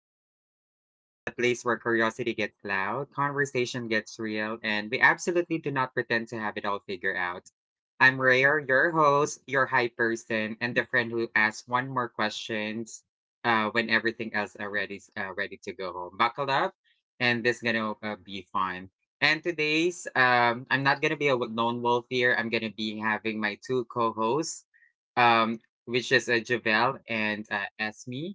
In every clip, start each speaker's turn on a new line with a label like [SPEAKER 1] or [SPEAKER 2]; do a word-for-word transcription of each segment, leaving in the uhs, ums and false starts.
[SPEAKER 1] to Rare Thoughts, the place where curiosity gets loud, conversation gets real, and we absolutely do not pretend to have it all figured out. I'm Rare, your host, your hype person, and the friend who asks one more questions uh, when everything else already uh, ready to go home. Buckle up, and this gonna uh, be fun. And today's, um, I'm not gonna be a lone wolf here. I'm gonna be having my two co-hosts, um, which is uh, Javel and uh, Esme.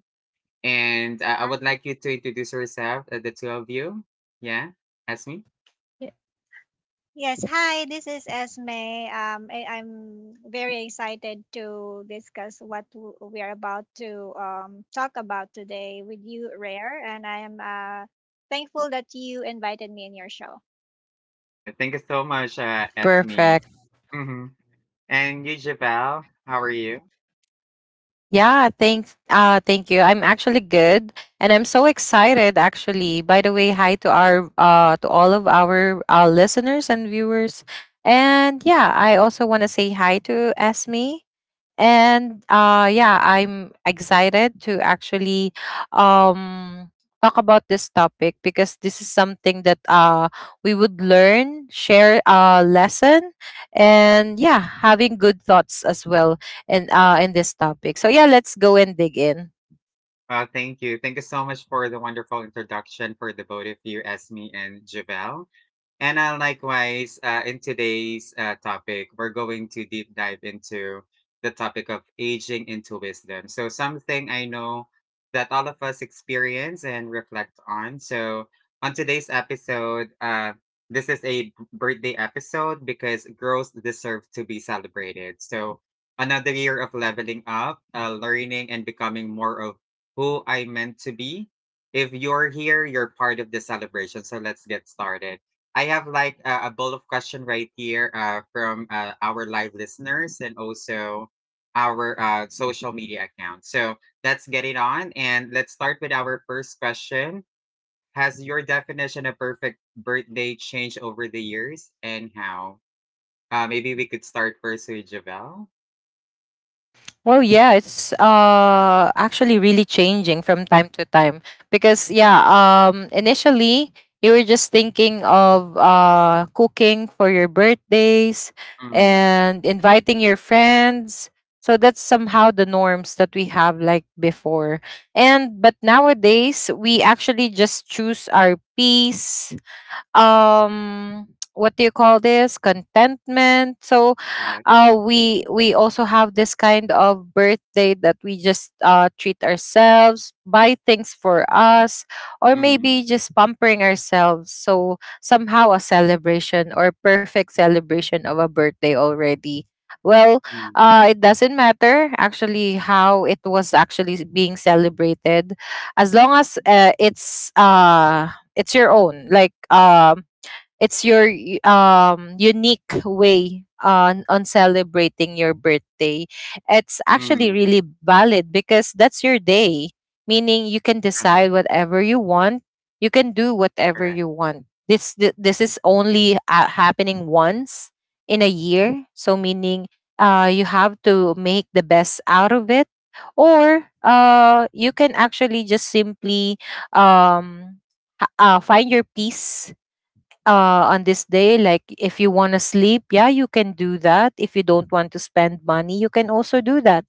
[SPEAKER 1] And uh, I would
[SPEAKER 2] Hi.
[SPEAKER 1] like you to introduce yourself, uh, the two of you. Yeah, Esme.
[SPEAKER 3] Yeah,
[SPEAKER 2] Yes, hi, this is Esme. Um, I, I'm very excited to discuss what w- we are about to um, talk about today with you, Rare, and I am uh, thankful that you invited me in your show.
[SPEAKER 1] Yeah, thank you so much, uh, Esme.
[SPEAKER 3] perfect.
[SPEAKER 1] Mm-hmm. And you, Javel, how are you?
[SPEAKER 3] Yeah, thanks. Uh, thank you. I'm actually good, and I'm so excited. Actually, by the way, hi to our uh to all of our uh, listeners and viewers, and yeah, I also want to say hi to Esme. And uh yeah, I'm excited to actually um talk about this topic because this is something that uh we would learn, share a lesson, and yeah, having good thoughts as well in uh in this topic. So yeah, let's go and dig in.
[SPEAKER 1] Well, thank you. Thank you so much for the wonderful introduction for the both of you, Esme and Javel. And uh, likewise, uh, in today's uh, topic, we're going to deep dive into the topic of aging into wisdom. So, something I know that all of us experience and reflect on. So, on today's episode, uh, this is a b- birthday episode because girls deserve to be celebrated. So, another year of leveling up, uh, learning, and becoming more of who I meant to be. If you're here, you're part of the celebration. So, let's get started. I have like a, a bowl of question right here uh, from uh, our live listeners and also our uh, social media account. So let's get it on and let's start with our first question. Has your definition of perfect birthday changed over the years and how? Uh, maybe we could start first with Javel.
[SPEAKER 3] Well, yeah, it's uh actually really changing from time to time because yeah, um initially you were just thinking of uh cooking for your birthdays
[SPEAKER 1] Mm.
[SPEAKER 3] and inviting your friends. So that's somehow the norms that we have like before. And but nowadays we actually just choose our peace, um what do you call this, contentment. so
[SPEAKER 1] Correct.
[SPEAKER 3] uh we we also have this kind of birthday that we just uh treat ourselves, buy things for us, or maybe
[SPEAKER 1] Mm,
[SPEAKER 3] just pampering ourselves. So somehow a celebration or perfect celebration of a birthday already, well,
[SPEAKER 1] mm,
[SPEAKER 3] uh it doesn't matter actually how it was actually being celebrated, as long as uh, it's uh it's your own. Like, um, it's your y- um unique way on on celebrating your birthday, it's actually
[SPEAKER 1] mm,
[SPEAKER 3] really valid because that's your day, meaning you can
[SPEAKER 1] uh-huh.
[SPEAKER 3] decide whatever you want, you can do whatever
[SPEAKER 1] Correct.
[SPEAKER 3] you want. This th- this is only uh, happening once in a year, so meaning uh you have to make the best out of it, or uh you can actually just simply, um ha- uh, find your peace uh, on
[SPEAKER 1] Mm,
[SPEAKER 3] this day. Like, if you want to sleep, yeah, you can do that. If you don't want to spend money, you can also do that.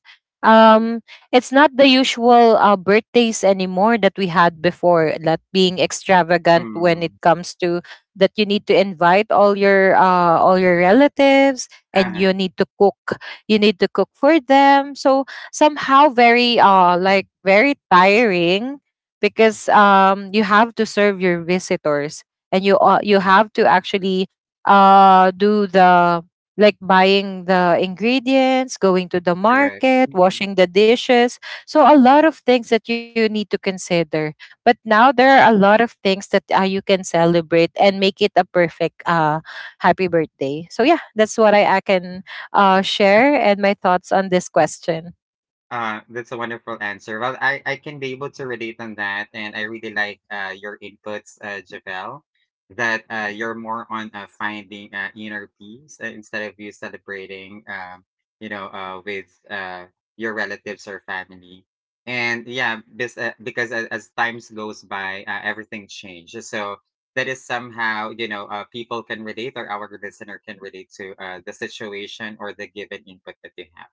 [SPEAKER 1] mm,
[SPEAKER 3] Um, it's not the usual uh, birthdays anymore that we had before. That being extravagant when it
[SPEAKER 1] mm,
[SPEAKER 3] comes to that, you need to invite all your uh, all your relatives and
[SPEAKER 1] uh-huh,
[SPEAKER 3] you need to cook. You need to cook for them. So somehow very uh like very tiring because um you have to serve your visitors, and you uh, you
[SPEAKER 1] yeah.
[SPEAKER 3] have to actually uh do the like buying the ingredients, going to the
[SPEAKER 1] Correct.
[SPEAKER 3] market,
[SPEAKER 1] Mm.
[SPEAKER 3] washing the dishes. So a lot of things that you need to consider. But now there are a lot of things that uh, you can celebrate and make it a perfect uh happy birthday. So yeah, that's what i, I can uh, share, and my thoughts on this question.
[SPEAKER 1] Uh, that's a wonderful answer. Well, I, I can be able to relate on that, and I really like uh, your inputs, uh, Javel, that uh, you're more on uh, finding uh, inner peace uh, instead of you celebrating, um, you know, uh, with uh, your relatives or family. And yeah, this, uh, because as, as times goes by, uh, everything changes. So that is somehow, you know, uh, people can relate or our listener can relate to uh, the situation or the given input that they have.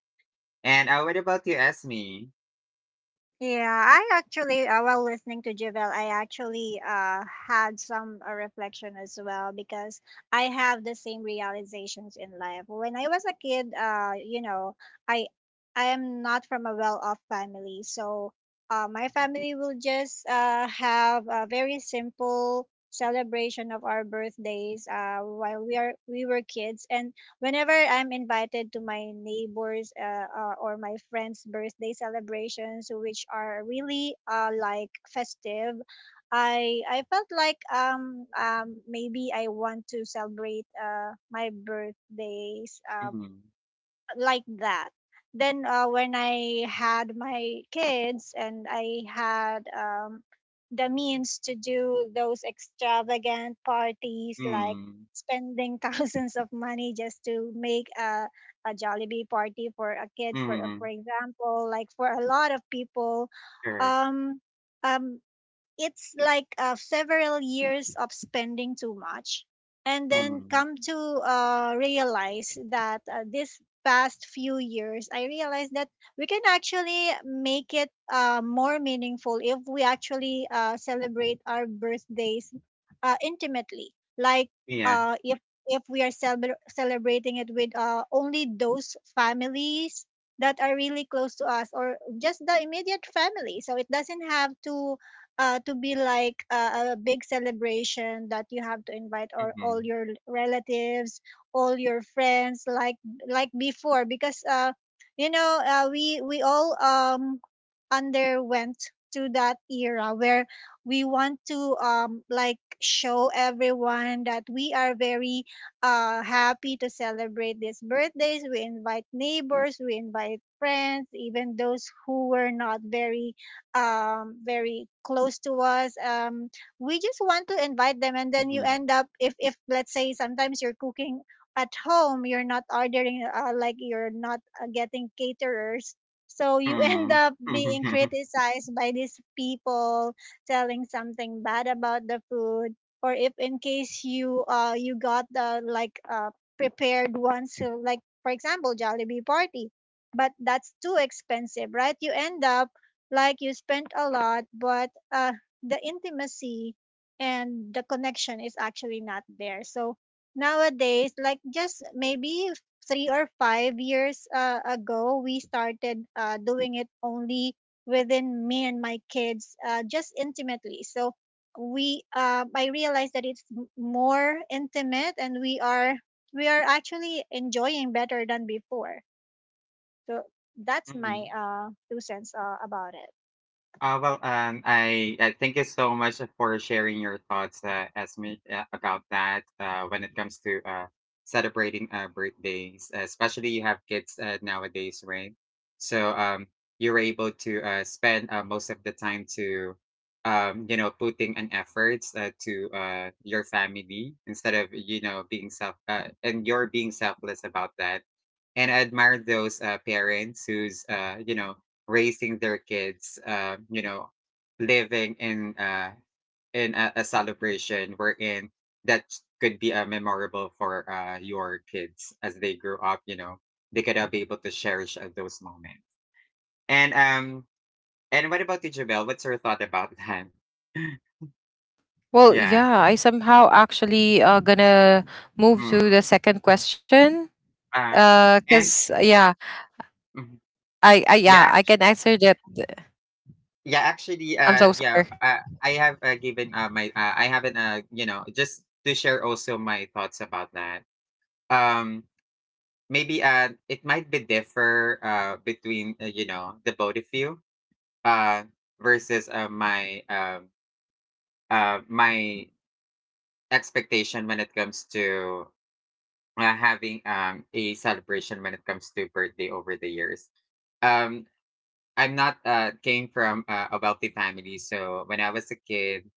[SPEAKER 1] And, uh, what about you, Esme?
[SPEAKER 2] Yeah, I actually, uh, while listening to Javel, I actually uh, had some uh, reflection as well because I have the same realizations in life. When I was a kid, uh, you know, I I am not from a well-off family, so uh, my family will just uh, have a very simple celebration of our birthdays uh, while we are we were kids, and whenever I'm invited to my neighbors uh, uh, or my friends' birthday celebrations, which are really uh, like festive, I I felt like um um maybe I want to celebrate uh my birthdays uh,
[SPEAKER 1] Mhm.
[SPEAKER 2] like that. Then uh, when I had my kids and I had um, the means to do those extravagant parties, like
[SPEAKER 1] Mm.
[SPEAKER 2] spending thousands of money just to make a, a Jollibee party for a kid, for for
[SPEAKER 1] Mhm.
[SPEAKER 2] example, like for a lot of people,
[SPEAKER 1] Correct.
[SPEAKER 2] um, um, it's like uh, several years of spending too much and then
[SPEAKER 1] Mhm.
[SPEAKER 2] come to uh, realize that uh, this past few years I realized that we can actually make it uh, more meaningful if we actually uh, celebrate our birthdays uh, intimately, like
[SPEAKER 1] Yeah.
[SPEAKER 2] uh, if if we are celebr celebrating it with uh, only those families that are really close to us or just the immediate family, so it doesn't have to uh, to be like a, a big celebration that you have to invite or all
[SPEAKER 1] Mhm.
[SPEAKER 2] your relatives, all your friends, like like before, because uh, you know uh, we we all um underwent to that era where we want to um like show everyone that we are very uh happy to celebrate these birthdays. We invite neighbors, we invite friends, even those who were not very um, very close to us. Um, we just want to invite them, and then you
[SPEAKER 1] Mhm.
[SPEAKER 2] end up, if if let's say sometimes you're cooking at home, you're not ordering uh, like you're not uh, getting caterers. So you end
[SPEAKER 1] Mhm.
[SPEAKER 2] up being
[SPEAKER 1] Mhm.
[SPEAKER 2] criticized by these people telling something bad about the food, or if in case you uh you got the like uh prepared ones, so like for example Jollibee party, but that's too expensive, right? You end up like you spent a lot, but uh, the intimacy and the connection is actually not there. So nowadays, like just maybe three or five years uh, ago, we started uh, doing it only within me and my kids, uh, just intimately. So we, uh, I realized that it's m- more intimate, and we are we are actually enjoying better than before. So that's my uh, two cents uh, about it.
[SPEAKER 1] Uh, well, um, I, I thank you so much for sharing your thoughts uh, as uh, about that uh, when it comes to uh, celebrating uh, birthdays, uh, especially you have kids uh, nowadays, right? So um, you're able to uh, spend uh, most of the time to, um, you know, putting an efforts uh, to uh, your family instead of you know being self uh, and you're being selfless about that. And I admire those uh, parents who's uh, you know raising their kids, um, you know, living in uh, in a, a, celebration wherein that could be uh, memorable for uh, your kids as they grow up. You know, they could uh, be able to cherish uh, those moments. And um, and what about you, Javel? What's your thought about that?
[SPEAKER 3] Well,
[SPEAKER 1] Yeah.
[SPEAKER 3] yeah, I somehow actually uh, gonna move to
[SPEAKER 1] Mm.
[SPEAKER 3] the second question.
[SPEAKER 1] Uh, and
[SPEAKER 3] Because, yeah,
[SPEAKER 1] mm,
[SPEAKER 3] I, I
[SPEAKER 1] yeah,
[SPEAKER 3] yeah, I
[SPEAKER 1] actually.
[SPEAKER 3] can answer that.
[SPEAKER 1] Yeah, actually,
[SPEAKER 3] I'm so
[SPEAKER 1] uh, yeah,
[SPEAKER 3] sorry.
[SPEAKER 1] uh, I have uh, given uh, my, uh, I haven't, uh, you know, just to share also my thoughts about that. um maybe uh it might be differ uh between uh, you know the both of you uh versus uh my um uh my expectation when it comes to uh, having um a celebration when it comes to birthday over the years. um I'm not uh came from uh, a wealthy family, so when I was a kid,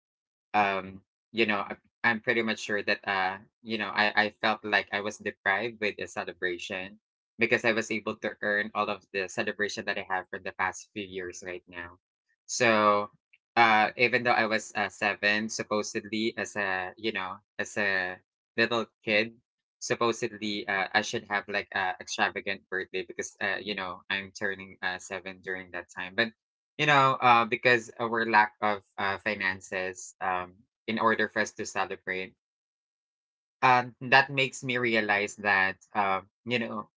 [SPEAKER 1] um you know, I, I'm pretty much sure that uh you know i i felt like I was deprived with the celebration because I was able to earn all of the celebration that I have for the past few years right now. So uh even though I was uh, seven supposedly as a you know as a little kid, supposedly uh, I should have like a extravagant birthday because uh, you know I'm turning uh, seven during that time, but you know, uh, because our lack of uh, finances, um, in order for us to celebrate, um, that makes me realize that, um, you know,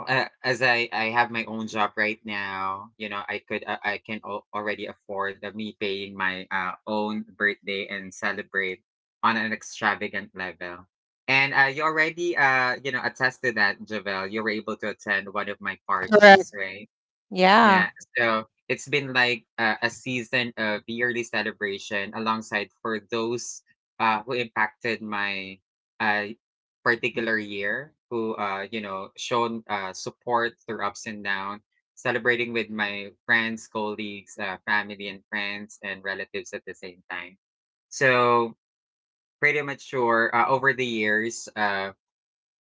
[SPEAKER 1] uh, as I, I have my own job right now, you know, I could uh, I can al- already afford uh, me paying my uh, own birthday and celebrate on an extravagant level. And uh, you already, uh, you know, attest to that, Javel. You were able to attend one of my parties,
[SPEAKER 3] Correct.
[SPEAKER 1] right?
[SPEAKER 3] Yeah.
[SPEAKER 1] Yeah, so it's been like a, a season of yearly celebration alongside for those uh, who impacted my uh, particular year, who uh, you know shown uh, support through ups and down, celebrating with my friends, colleagues, uh, family, and friends and relatives at the same time. So pretty mature uh, over the years. Uh,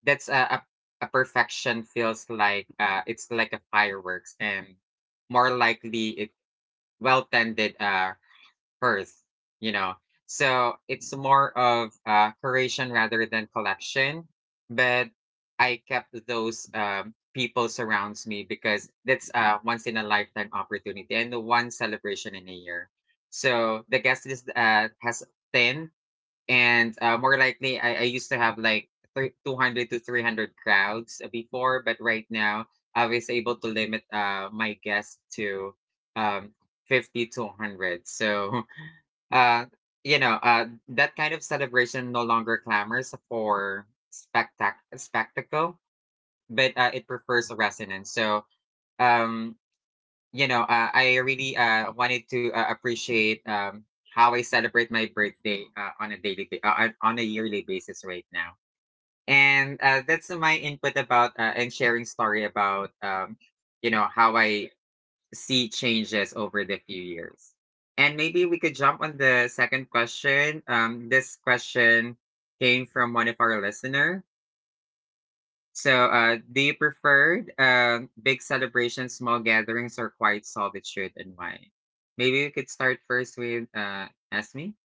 [SPEAKER 1] that's a, a a perfection feels like uh, it's like a fireworks and more likely it well tended uh earth, you know. So it's more of uh curation rather than collection. But I kept those um people surrounds me because that's a once in a lifetime opportunity and the one celebration in a year. So the guest list uh, has ten, and uh, more likely I, I used to have like three, two hundred to three hundred crowds before, but right now I was able to limit uh, my guests to um, fifty to one hundred. So uh, you know, uh, that kind of celebration no longer clamors for spectac- spectacle, but uh, it prefers a resonance. So um, you know, uh, I really uh, wanted to uh, appreciate um, how I celebrate my birthday uh, on a daily, ba- uh, on on a yearly basis right now. And uh, that's my input about uh, and sharing story about, um, you know, how I see changes over the few years. And maybe we could jump on the second question. Um, this question came from one of our listener. So, uh, do you prefer uh, big celebrations, small gatherings, or quiet solitude, and why? Maybe we could start first with uh, ask me.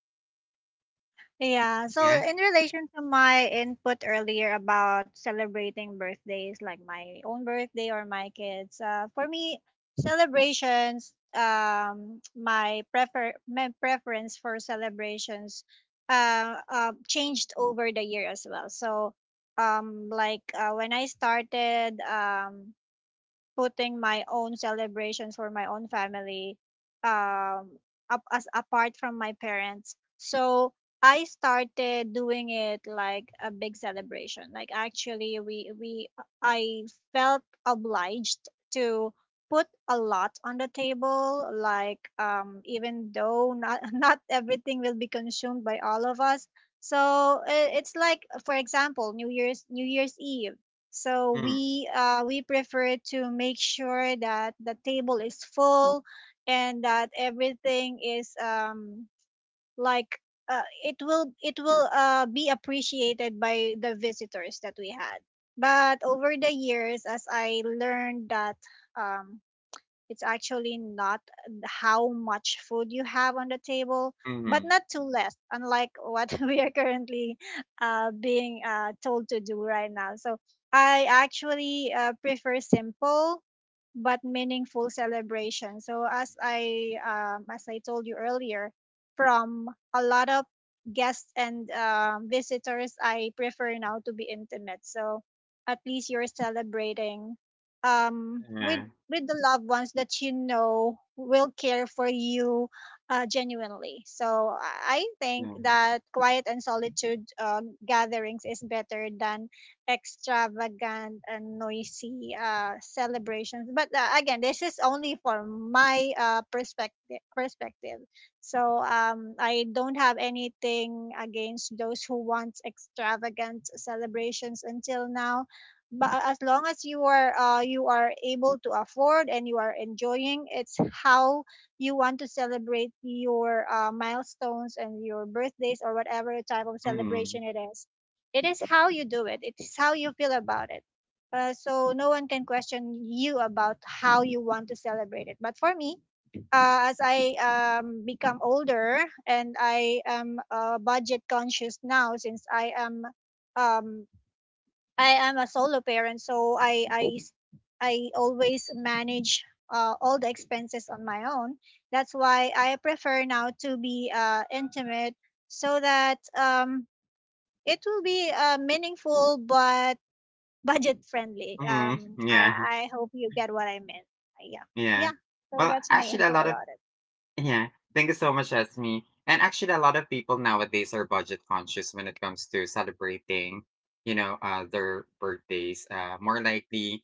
[SPEAKER 2] Yeah, so
[SPEAKER 1] Yeah.
[SPEAKER 2] in relation to my input earlier about celebrating birthdays, like my own birthday or my kids, uh, for me, celebrations, um, my prefer my preference for celebrations uh, uh, changed over the year as well. So, um, like uh, when I started, um, putting my own celebrations for my own family um up as apart from my parents, so I started doing it like a big celebration. Like actually we we I felt obliged to put a lot on the table, like um even though not not everything will be consumed by all of us. So I- it's like for example New Year's, New Year's Eve, so
[SPEAKER 1] Mm.
[SPEAKER 2] we, uh, we prefer to make sure that the table is full and that everything is um, like uh, it will it will uh, be appreciated by the visitors that we had. But over the years, as I learned that um, it's actually not how much food you have on the table,
[SPEAKER 1] Mm-hmm.
[SPEAKER 2] but not too less, unlike what we are currently uh, being uh, told to do right now. So I actually uh, prefer simple but meaningful celebration. So as I um, as I told you earlier, from a lot of guests and um, visitors, I prefer now to be intimate. So at least you're celebrating um, with
[SPEAKER 1] Yeah.
[SPEAKER 2] with the loved ones that you know will care for you uh, genuinely. So I I
[SPEAKER 1] Yeah.
[SPEAKER 2] think
[SPEAKER 1] Mm.
[SPEAKER 2] that quiet and solitude um, gatherings is better than extravagant and noisy uh, celebrations. But uh, again, this is only for my uh, perspective. Perspective. So um, I don't have anything against those who want extravagant celebrations until now, but uh, as long as you are uh, you are able to afford and you are enjoying, it's how you want to celebrate your uh, milestones and your birthdays, or whatever type of
[SPEAKER 1] Mm.
[SPEAKER 2] celebration it is, it is how you do it, it is how you feel about it, uh, so no one can question you about how you want to celebrate it. But for me, uh, as I um, become older and I am uh, budget conscious now, since I am um, I am a solo parent, so I I s- I always manage uh, all the expenses on my own. That's why I prefer now to be uh, intimate, so that um, it will be uh, meaningful but budget friendly.
[SPEAKER 1] Mm.
[SPEAKER 2] Um, I,
[SPEAKER 1] Yeah.
[SPEAKER 2] I hope you get what I meant. Yeah,
[SPEAKER 1] Yeah.
[SPEAKER 2] yeah. So
[SPEAKER 1] Well,
[SPEAKER 2] that's my
[SPEAKER 1] actually, a
[SPEAKER 2] input
[SPEAKER 1] lot of—
[SPEAKER 2] about it.
[SPEAKER 1] yeah, thank you so much, Esme. And actually, a lot of people nowadays are budget conscious when it comes to celebrating, you know, uh, their birthdays. Uh, more likely,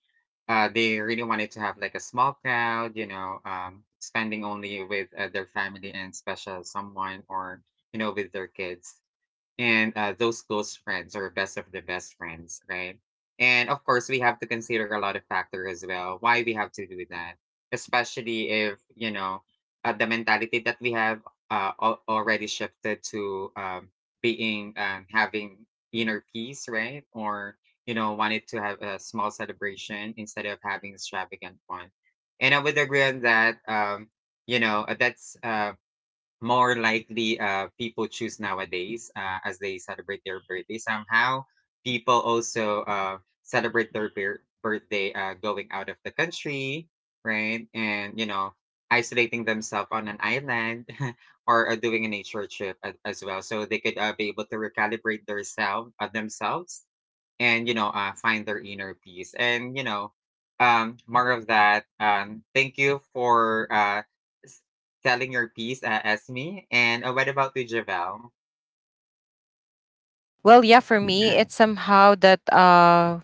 [SPEAKER 1] uh, they really wanted to have like a small crowd, you know, um, spending only with uh, their family and special someone, or you know, with their kids and uh, those close friends or best of the best friends, right? And of course, we have to consider a lot of factor as well why we have to do that, especially if you know uh, the mentality that we have uh, al- already shifted to um, being um, having inner peace, right? Or you know wanted to have a small celebration instead of having extravagant one. And I would agree on that. Um, you know, uh, that's um, more likely uh, people choose nowadays uh, as they celebrate their birthday. Somehow people also uh, celebrate their bir- birthday uh, going out of the country, right? And you know, isolating themselves on an island or uh, doing a nature trip a- as well, so they could uh, be able to recalibrate theirself, uh, themselves, and you know uh, find their inner peace, and you know, um more of that. um thank you for uh s- telling your piece, uh, Esme. And uh, what about you, Javel?
[SPEAKER 3] Well, yeah, for
[SPEAKER 1] Yeah.
[SPEAKER 3] me, it's somehow that uh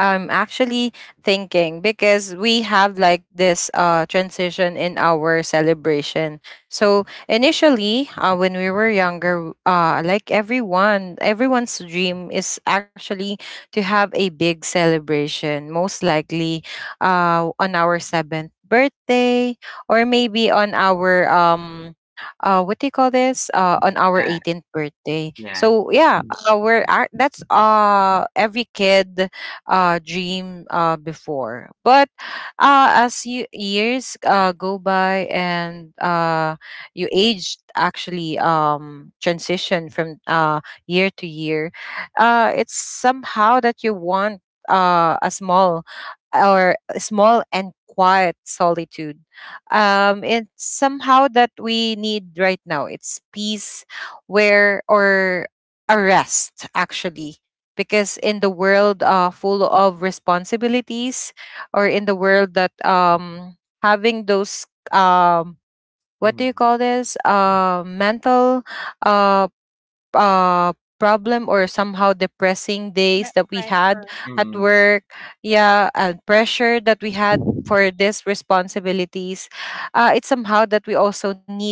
[SPEAKER 3] I'm actually thinking because we have like this uh transition in our celebration. So initially, uh, when we were younger, uh, like everyone, everyone's dream is actually to have a big celebration, most likely, uh, on our seventh birthday, or maybe on our um. Uh, what do you call this, uh, on our
[SPEAKER 1] uh,
[SPEAKER 3] eighteenth birthday.
[SPEAKER 1] yeah.
[SPEAKER 3] So yeah, uh, we're ac- that's uh every kid uh, dream uh, before. But uh, as you, years uh, go by and uh, you aged, actually um, transition from uh, year to year, uh, it's somehow that you want uh, a small, or a small and quiet solitude. Um, it's somehow that we need right now. It's peace, where or a rest actually, because in the world uh, full of responsibilities, or in the world that um having those, um what do you
[SPEAKER 1] Mm,
[SPEAKER 3] call this uh mental uh uh problem, or somehow depressing
[SPEAKER 2] No.
[SPEAKER 3] days that we had
[SPEAKER 2] Pressure.
[SPEAKER 3] at
[SPEAKER 1] mm,
[SPEAKER 3] work, yeah, and pressure that we had for these responsibilities. Uh, it's somehow that we also need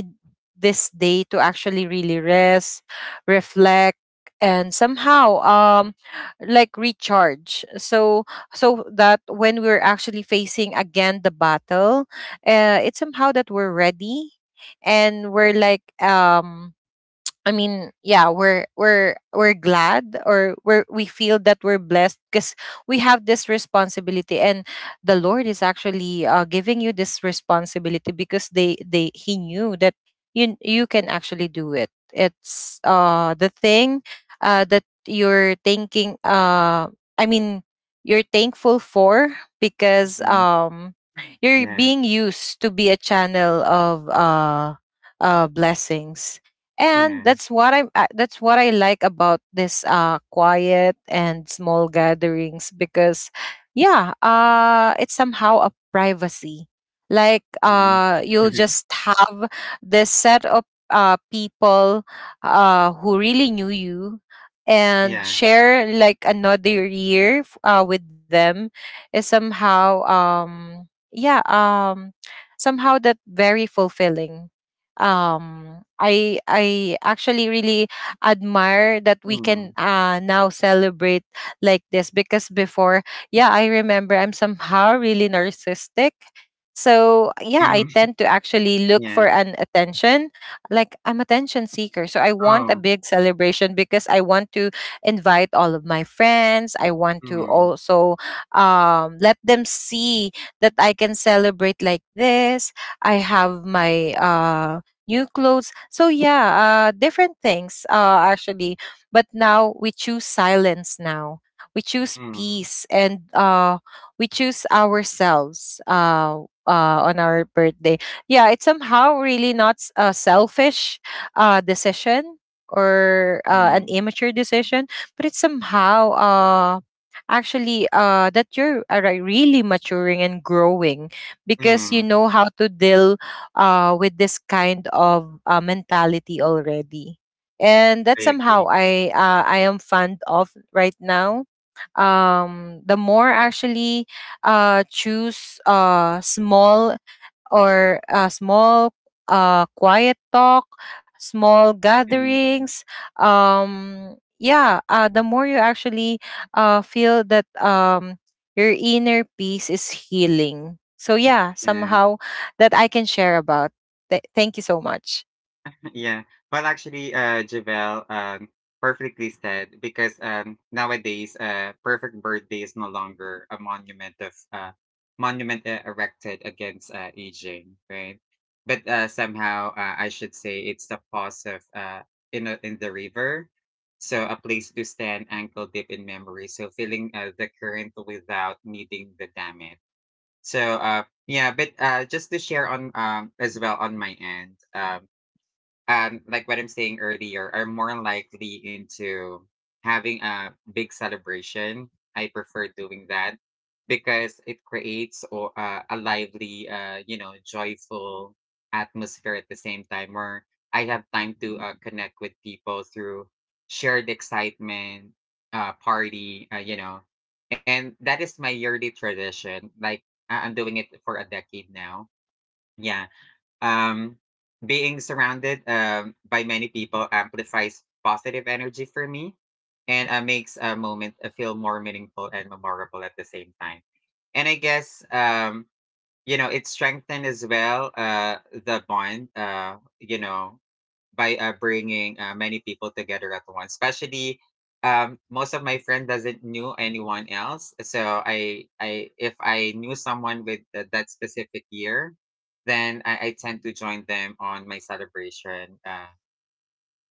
[SPEAKER 3] this day to actually really rest, reflect, and somehow, um like recharge, so so that when we're actually facing again the battle, uh, it's somehow that we're ready, and we're like, um I mean, yeah, we're we're we're glad, or we're we feel that we're blessed because we have this responsibility, and the Lord is actually uh, giving you this responsibility because they they He knew that you you can actually do it. It's uh the thing uh that you're thinking, uh I mean you're thankful for, because
[SPEAKER 1] mm.
[SPEAKER 3] um you're
[SPEAKER 1] Yeah.
[SPEAKER 3] being used to be a channel of uh uh blessings.
[SPEAKER 1] Yeah.
[SPEAKER 3] And that's what I'm uh, that's what I like about this uh quiet and small gatherings, because yeah, uh it's somehow a privacy, like,
[SPEAKER 1] Mm.
[SPEAKER 3] uh you'll just have this set of uh people uh who really knew you, and
[SPEAKER 1] Yeah.
[SPEAKER 3] share like another year f- uh with them is somehow, um yeah um somehow that very fulfilling. Um I I actually really admire that we can
[SPEAKER 1] Mm,
[SPEAKER 3] uh now celebrate like this, because before, yeah, I remember, I'm somehow really narcissistic. So yeah, I
[SPEAKER 1] mm.
[SPEAKER 3] tend to actually look
[SPEAKER 1] Yeah.
[SPEAKER 3] for an attention. Like, I'm attention seeker, so I want a
[SPEAKER 1] Oh.
[SPEAKER 3] big celebration because I want to invite all of my friends. I want to
[SPEAKER 1] Mm,
[SPEAKER 3] also, um, let them see that I can celebrate like this, I have my uh, new clothes. So yeah, uh, different things uh, actually. But now we choose silence. Now we choose
[SPEAKER 1] mm,
[SPEAKER 3] peace, and uh, we choose ourselves. Uh, uh, on our birthday, yeah, it's somehow really not s- a selfish uh, decision, or uh, an
[SPEAKER 1] mm,
[SPEAKER 3] immature decision, but it's somehow uh, actually uh, that you're uh, re- really maturing and growing, because you
[SPEAKER 1] mm.
[SPEAKER 3] know how to deal uh, with this kind of uh, mentality already. And that's
[SPEAKER 1] I
[SPEAKER 3] somehow
[SPEAKER 1] agree.
[SPEAKER 3] i uh, I am fond of right now. Um the more actually uh choose uh small, or uh, small, uh, quiet talk, small
[SPEAKER 1] Mm.
[SPEAKER 3] gatherings. Um, yeah, uh, the more you actually uh, feel that, um, your inner peace is healing. So, yeah,
[SPEAKER 1] Yeah.
[SPEAKER 3] somehow that I can share about. Th- thank you so much.
[SPEAKER 1] Yeah. Well, actually, uh, Javel, um, perfectly said, because um, nowadays, uh, perfect birthday is no longer a monument of uh, monument uh, erected against uh, aging, right? But uh, somehow, uh, I should say it's the pause of uh, in a, in the river, so a place to stand ankle deep in memory. So feeling uh, the current without needing the dam it. So uh, yeah, but uh, just to share on um, as well on my end. Um, um, like what I'm saying earlier, are more likely into having a big celebration. I prefer doing that because it creates or uh, a lively, uh, you know, joyful atmosphere at the same time where I have time to uh, connect with people through shared excitement, uh, party, uh, you know, and that is my yearly tradition. Like I- I'm doing it for a decade now. Yeah. um, being surrounded um, by many people amplifies positive energy for me and uh, makes a moment uh, feel more meaningful and memorable at the same time. And I guess, um, you know, it strengthened as well uh, the bond, uh, you know, by uh, bringing uh, many people together at once. Especially, um, most of my friend doesn't knew anyone else. So I, I if I knew someone with th- that specific year, then I, I tend to join them on my celebration. Uh,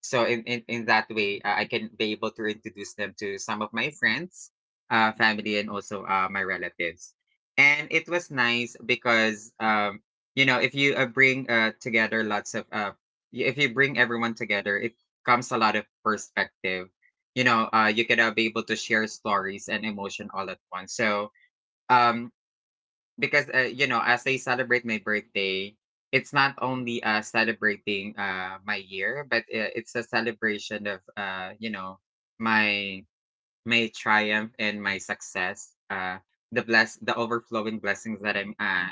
[SPEAKER 1] so in, in, in that way uh, I can be able to introduce them to some of my friends uh, family and also uh, my relatives and it was nice because um, you know if you uh, bring uh, together lots of uh, y- if you bring everyone together it comes a lot of perspective you know uh, you can uh, be able to share stories and emotion all at once. So um, because uh, you know as I celebrate my birthday it's not only uh celebrating uh my year but uh, it's a celebration of uh you know my my triumph and my success uh the bless The overflowing blessings that i'm uh,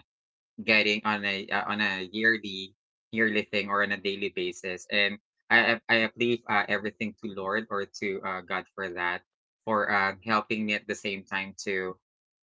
[SPEAKER 1] getting on a uh, on a yearly yearly thing or on a daily basis. And i i I leave uh, everything to lord or to uh, god for that, for uh, helping me at the same time to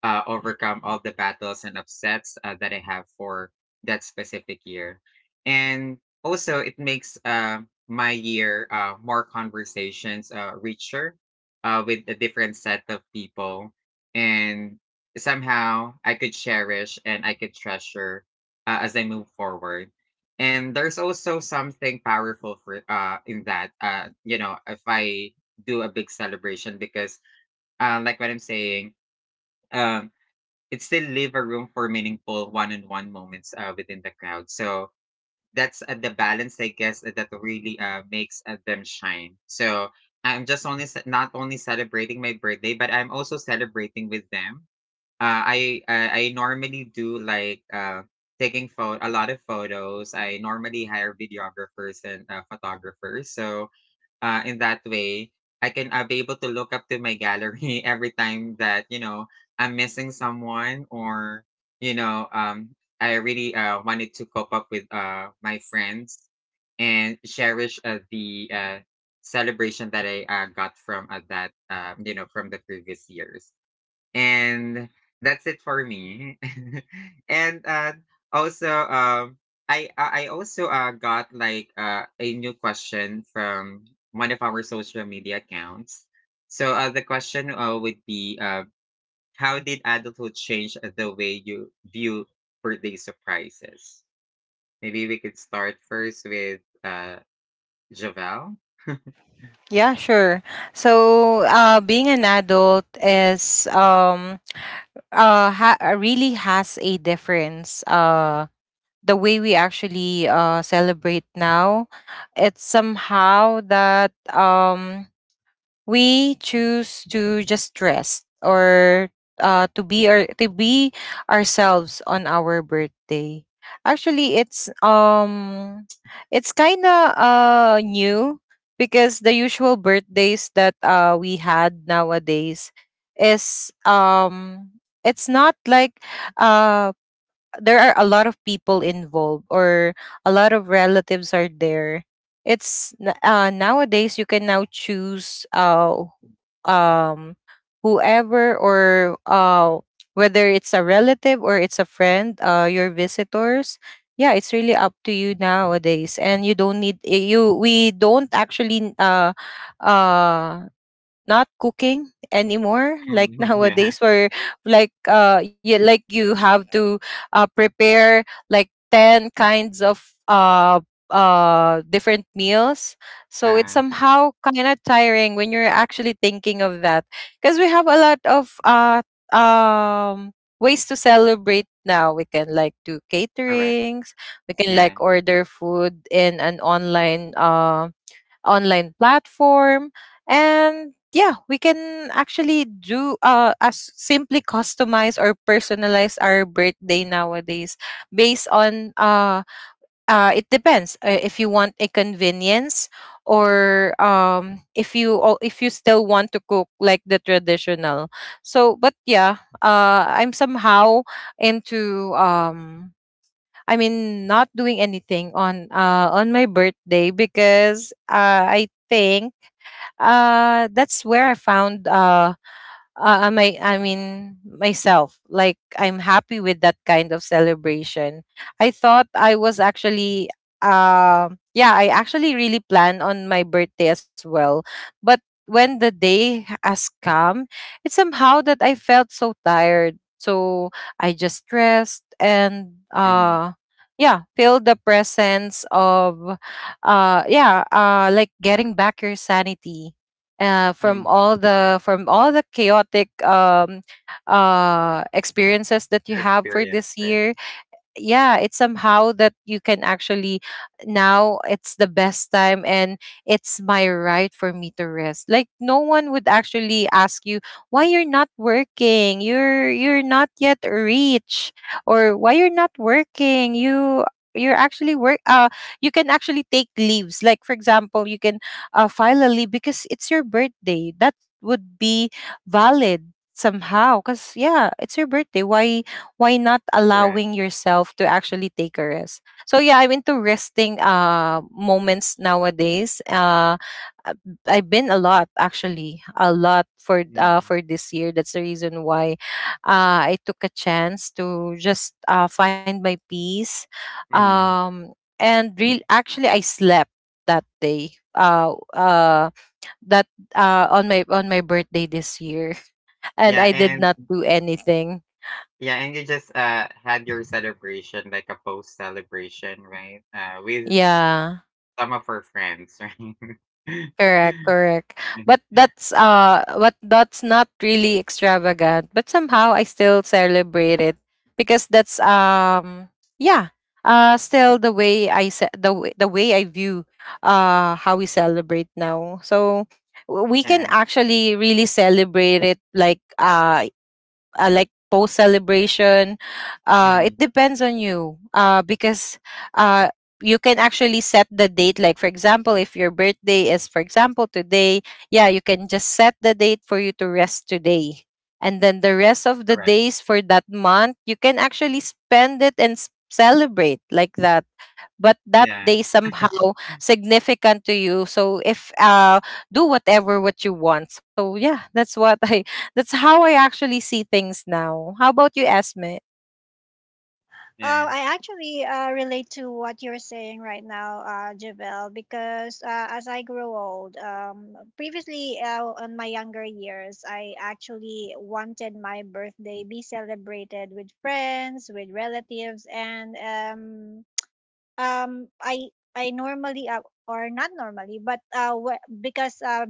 [SPEAKER 1] uh, overcome all the battles and upsets uh, that I have for that specific year. And also it makes uh, my year uh, more conversations, uh, richer, uh, with a different set of people. And somehow I could cherish and I could treasure uh, as I move forward. And there's also something powerful for uh in that, uh you know if I do a big celebration because uh like what I'm saying, um it still leave a room for meaningful one-on-one moments uh, within the crowd. So that's uh, the balance I guess uh, that really uh makes uh, them shine. So I'm just only ce- not only celebrating my birthday but I'm also celebrating with them. Uh, I, I I normally do like uh, taking photo a lot of photos. I normally hire videographers and uh, photographers, so uh, in that way, I can uh, be able to look up to my gallery every time that you know I'm missing someone or you know um, I really uh, wanted to cope up with uh, my friends and cherish uh, the uh, celebration that I uh, got from uh, that uh, you know from the previous years. And that's it for me. and uh, also, um, I I I also uh, got like uh, a new question from one of our social media accounts. So uh, the question uh, would be, uh, how did adulthood change the way you view birthday surprises? Maybe we could start first with uh, Javel.
[SPEAKER 3] Yeah, sure. So, uh, being an adult is um, uh, ha- uh, really has a difference. Uh, the way we actually uh, celebrate now, it's somehow that um, we choose to just rest, or uh, to be our, to be ourselves on our birthday. Actually, it's um, it's kind of uh, new, because the usual birthdays that uh, we had nowadays is, um, it's not like uh there are a lot of people involved, or a lot of relatives are there. It's n- uh, nowadays you can now choose uh, um whoever, or uh whether it's a relative or it's a friend, uh your visitors. Yeah, it's really up to you nowadays, and you don't need eh, you we don't actually uh uh not cooking anymore, like
[SPEAKER 1] Mhm, yeah.
[SPEAKER 3] nowadays where like uh you like you have to uh prepare like ten kinds of uh uh different meals. So it's
[SPEAKER 1] Uh,
[SPEAKER 3] somehow kind of tiring when you're actually thinking of that, because we have a lot of uh um ways to celebrate now. We can like do
[SPEAKER 1] correct.
[SPEAKER 3] caterings, we can
[SPEAKER 1] Yeah.
[SPEAKER 3] like order food in an online um online platform. And yeah, we can actually do uh as simply customize or personalize our birthday nowadays based on uh uh it depends uh, if you want a convenience, or um if you or if you still want to cook like the traditional. So but yeah, uh I'm somehow into, um I mean, not doing anything on uh on my birthday, because uh I think uh that's where I found uh uh, uh, my I mean myself. Like, I'm happy with that kind of celebration. I thought I was actually, uh, yeah, I actually really plan on my birthday as well. But when the day has come, it's somehow that I felt so tired. So I just rest, and
[SPEAKER 1] Mm-hmm.
[SPEAKER 3] uh yeah, feel the presence of uh yeah, uh like getting back your sanity uh, from
[SPEAKER 1] Mm.
[SPEAKER 3] all the from all the chaotic, um, uh, experiences that you
[SPEAKER 1] Your
[SPEAKER 3] have for
[SPEAKER 1] experience,
[SPEAKER 3] this
[SPEAKER 1] right?
[SPEAKER 3] year. Yeah, it's somehow that you can actually now, it's the best time, and it's my right for me to rest. Like, no one would actually ask you why you're not working, you're you're not yet rich, or why you're not working, you you're actually work uh you can actually take leaves. Like, for example, you can uh, file a leave because it's your birthday. That would be valid somehow, because yeah, it's your birthday, why why not
[SPEAKER 1] Right.
[SPEAKER 3] allowing yourself to actually take a rest? So yeah, I'm into resting uh moments nowadays. uh uh, I've been a lot, actually a lot, for uh
[SPEAKER 1] Mm,
[SPEAKER 3] for this year. That's the reason why uh I took a chance to just uh find my peace,
[SPEAKER 1] mm.
[SPEAKER 3] um and real, actually, I slept that day, uh uh that uh on my on my birthday this year, and
[SPEAKER 1] Yeah,
[SPEAKER 3] I did
[SPEAKER 1] and
[SPEAKER 3] not do anything.
[SPEAKER 1] yeah, and you just uh had your celebration, like a post celebration, right? Uh, with
[SPEAKER 3] Yeah.
[SPEAKER 1] some of her friends, right?
[SPEAKER 3] Correct, correct. But
[SPEAKER 1] Mhm.
[SPEAKER 3] that's uh what that's not really extravagant, but somehow I still celebrate it because that's um yeah, uh still the way I se- the way the way I view uh how we celebrate now. So w- we can
[SPEAKER 1] Yeah.
[SPEAKER 3] actually really celebrate it like uh uh, like post celebration. Uh
[SPEAKER 1] Mm,
[SPEAKER 3] it depends on you uh because uh you can actually set the date, like for example if your birthday
[SPEAKER 1] mm.
[SPEAKER 3] is for example today, yeah, you can just set the date for you to rest today, and then the rest of the
[SPEAKER 1] Correct.
[SPEAKER 3] days for that month you can actually spend it and s- celebrate like that. But that
[SPEAKER 1] Yeah.
[SPEAKER 3] day somehow significant to you, so if uh do whatever what you want. So yeah, that's what I that's how I actually see things now. How about you, Esme?
[SPEAKER 2] Uh,
[SPEAKER 1] Yeah.
[SPEAKER 2] I actually uh, relate to what you're saying right now, uh, Javel, because uh, as I grow old, um, previously uh, on my younger years, I actually wanted my birthday be celebrated with friends, with relatives, and um, um I I normally uh, or not normally but uh wh- because uh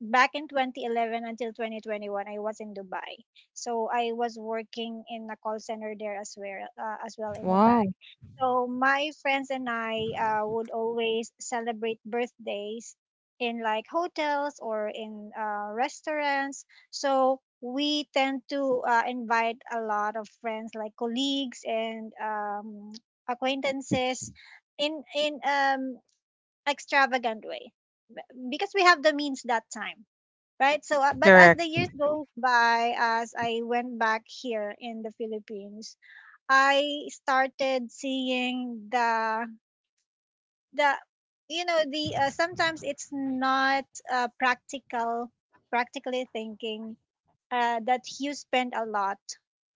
[SPEAKER 2] back in twenty eleven until twenty twenty-one I was in Dubai. So I was working in a call center there as well uh, as well in a
[SPEAKER 3] Wow.
[SPEAKER 2] bank. So my friends and I uh, would always celebrate birthdays in like hotels or in uh, restaurants. So we tend to uh, invite a lot of friends, like colleagues and um, acquaintances in in um extravagant way, because we have the means that time, right? So uh, but as
[SPEAKER 3] Correct,
[SPEAKER 2] the years goes by, as I went back here in the Philippines, I started seeing the the you know the uh, sometimes it's not uh, practical practically thinking uh, that you spend a lot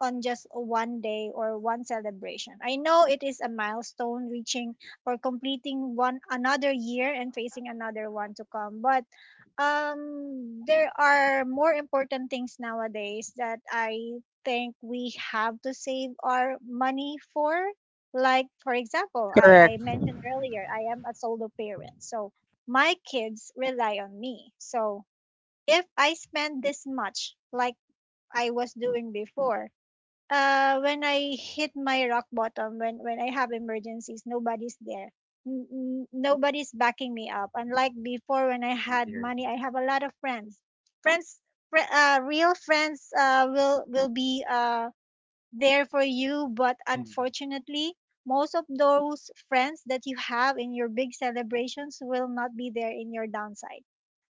[SPEAKER 2] on just one day or one celebration. I know it is a milestone, reaching or completing one another year and facing another one to come, but um there are more important things nowadays that I think we have to save our money for. Like for example, I
[SPEAKER 3] correct,
[SPEAKER 2] I mentioned earlier I am a solo parent. So my kids rely on me. So if I spend this much, like I was doing before. Uh, when I hit my rock bottom, when when I have emergencies, nobody's there. N- n- nobody's backing me up. Unlike before, when I
[SPEAKER 1] I
[SPEAKER 2] had
[SPEAKER 1] hear that.
[SPEAKER 2] money, I have a lot of friends. Friends, fr- uh, Real friends, uh, will will be uh there for you. But
[SPEAKER 1] Mm,
[SPEAKER 2] unfortunately, most of those friends that you have in your big celebrations will not be there in your downside,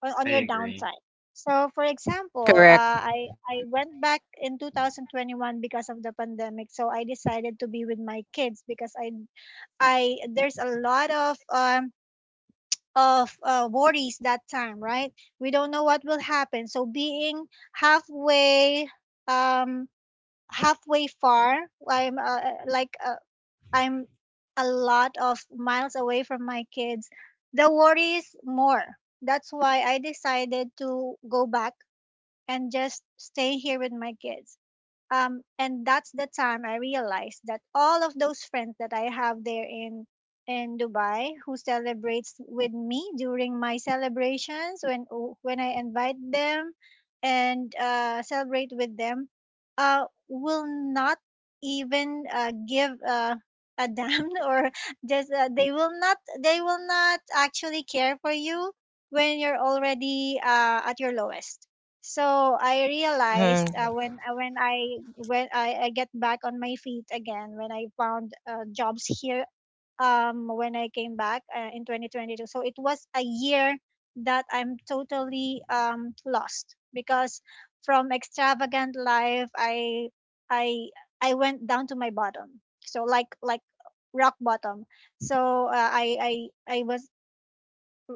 [SPEAKER 2] on, on
[SPEAKER 1] I
[SPEAKER 2] your
[SPEAKER 1] agree.
[SPEAKER 2] downside. So, for example,
[SPEAKER 3] correct.
[SPEAKER 2] uh, I I went back in twenty twenty-one because of the pandemic. So I decided to be with my kids because I I there's a lot of um of uh, worries that time, right? We don't know what will happen. So being halfway um halfway far. I'm uh, like uh, I'm a lot of miles away from my kids. The worry is more. That's why I decided to go back and just stay here with my kids, um, and that's the time I realized that all of those friends that I have there in in Dubai who celebrates with me during my celebrations when, oh, when I invite them and uh, celebrate with them, uh, will not even uh, give uh, a damn or just uh, they will not they will not actually care for you when you're already uh, at your lowest. So I realized uh,
[SPEAKER 3] Mhm.
[SPEAKER 2] when uh, when I when I, I get back on my feet again when I found uh, jobs here um when I came back uh, in twenty twenty-two. So it was a year that I'm totally um lost because from extravagant life I I I went down to my bottom. So like like rock bottom. So uh, I I I was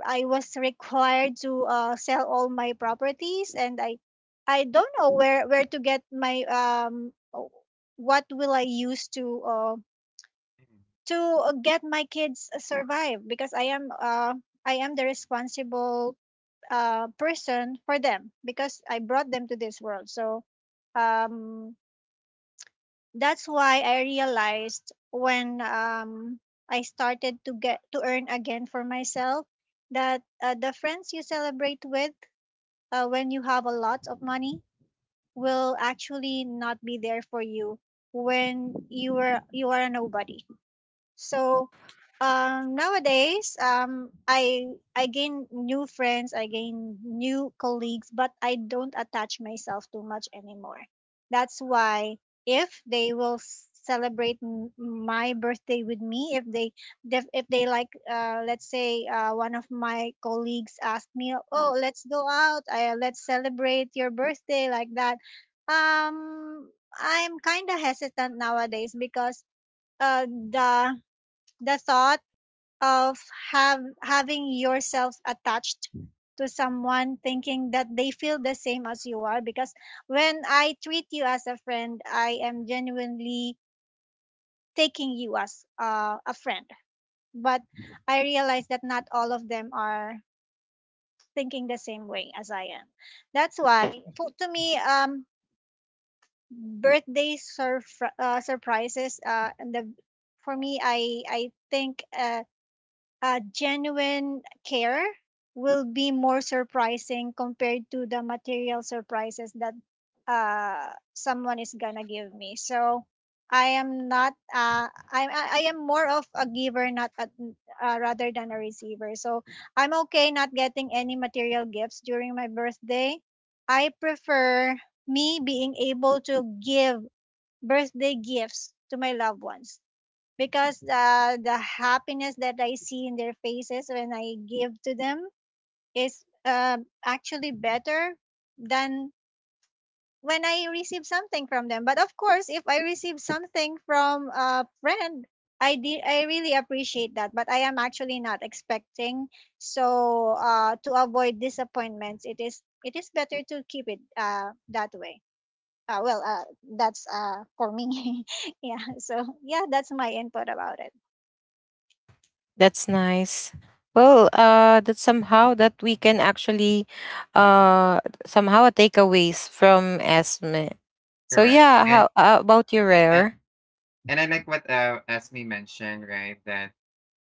[SPEAKER 2] I was required to uh, sell all my properties, and I I don't know where where to get my um o- what will I use to uh,
[SPEAKER 1] Mm,
[SPEAKER 2] to get my kids survive, because I am uh I am the responsible uh person for them because I brought them to this world. So um that's why I realized when um I started to get to earn again for myself that uh, the friends you celebrate with, uh, when you have a lot of money, will actually not be there for you when you are you are a nobody so um, Nowadays, um, I I gain new friends, I gain new colleagues, but I don't attach myself too much anymore. That's why if they will s- celebrate m- my birthday with me, if they def- if they like, uh, let's say uh, one of my colleagues asked me, oh, let's go out, uh, let's celebrate your birthday like that. Um, I'm kind of hesitant nowadays because uh, the the thought of have having yourself attached to someone, thinking that they feel the same as you are, because when I treat you as a friend, I am genuinely taking you as uh, a friend. But I realize that not all of them are thinking the same way as I am. That's why for, to me um birthday surf uh, surprises, uh and the for me I I think uh uh, genuine care will be more surprising compared to the material surprises that uh, someone is gonna give me. So I am not uh, I I I am more of a giver, not a, uh, rather than a receiver. So I'm okay not getting any material gifts during my birthday. I prefer me being able to give birthday gifts to my loved ones because uh, the happiness that I see in their faces when I give to them is uh, actually better than when I receive something from them. But of course, if I receive something from a friend, I did I really appreciate that. But I am actually not expecting. So uh, to avoid disappointments, it is it is better to keep it uh, that way. Uh, well, uh, that's uh, for me. Yeah. So yeah, that's my input about it.
[SPEAKER 3] That's nice. Well, uh that somehow that we can actually
[SPEAKER 1] mm, mm.
[SPEAKER 3] uh somehow takeaways from Esme. So
[SPEAKER 1] Correct.
[SPEAKER 3] yeah,
[SPEAKER 1] And,
[SPEAKER 3] how, how about you,
[SPEAKER 1] and
[SPEAKER 3] Rare?
[SPEAKER 1] and I like what uh Esme mentioned, right? That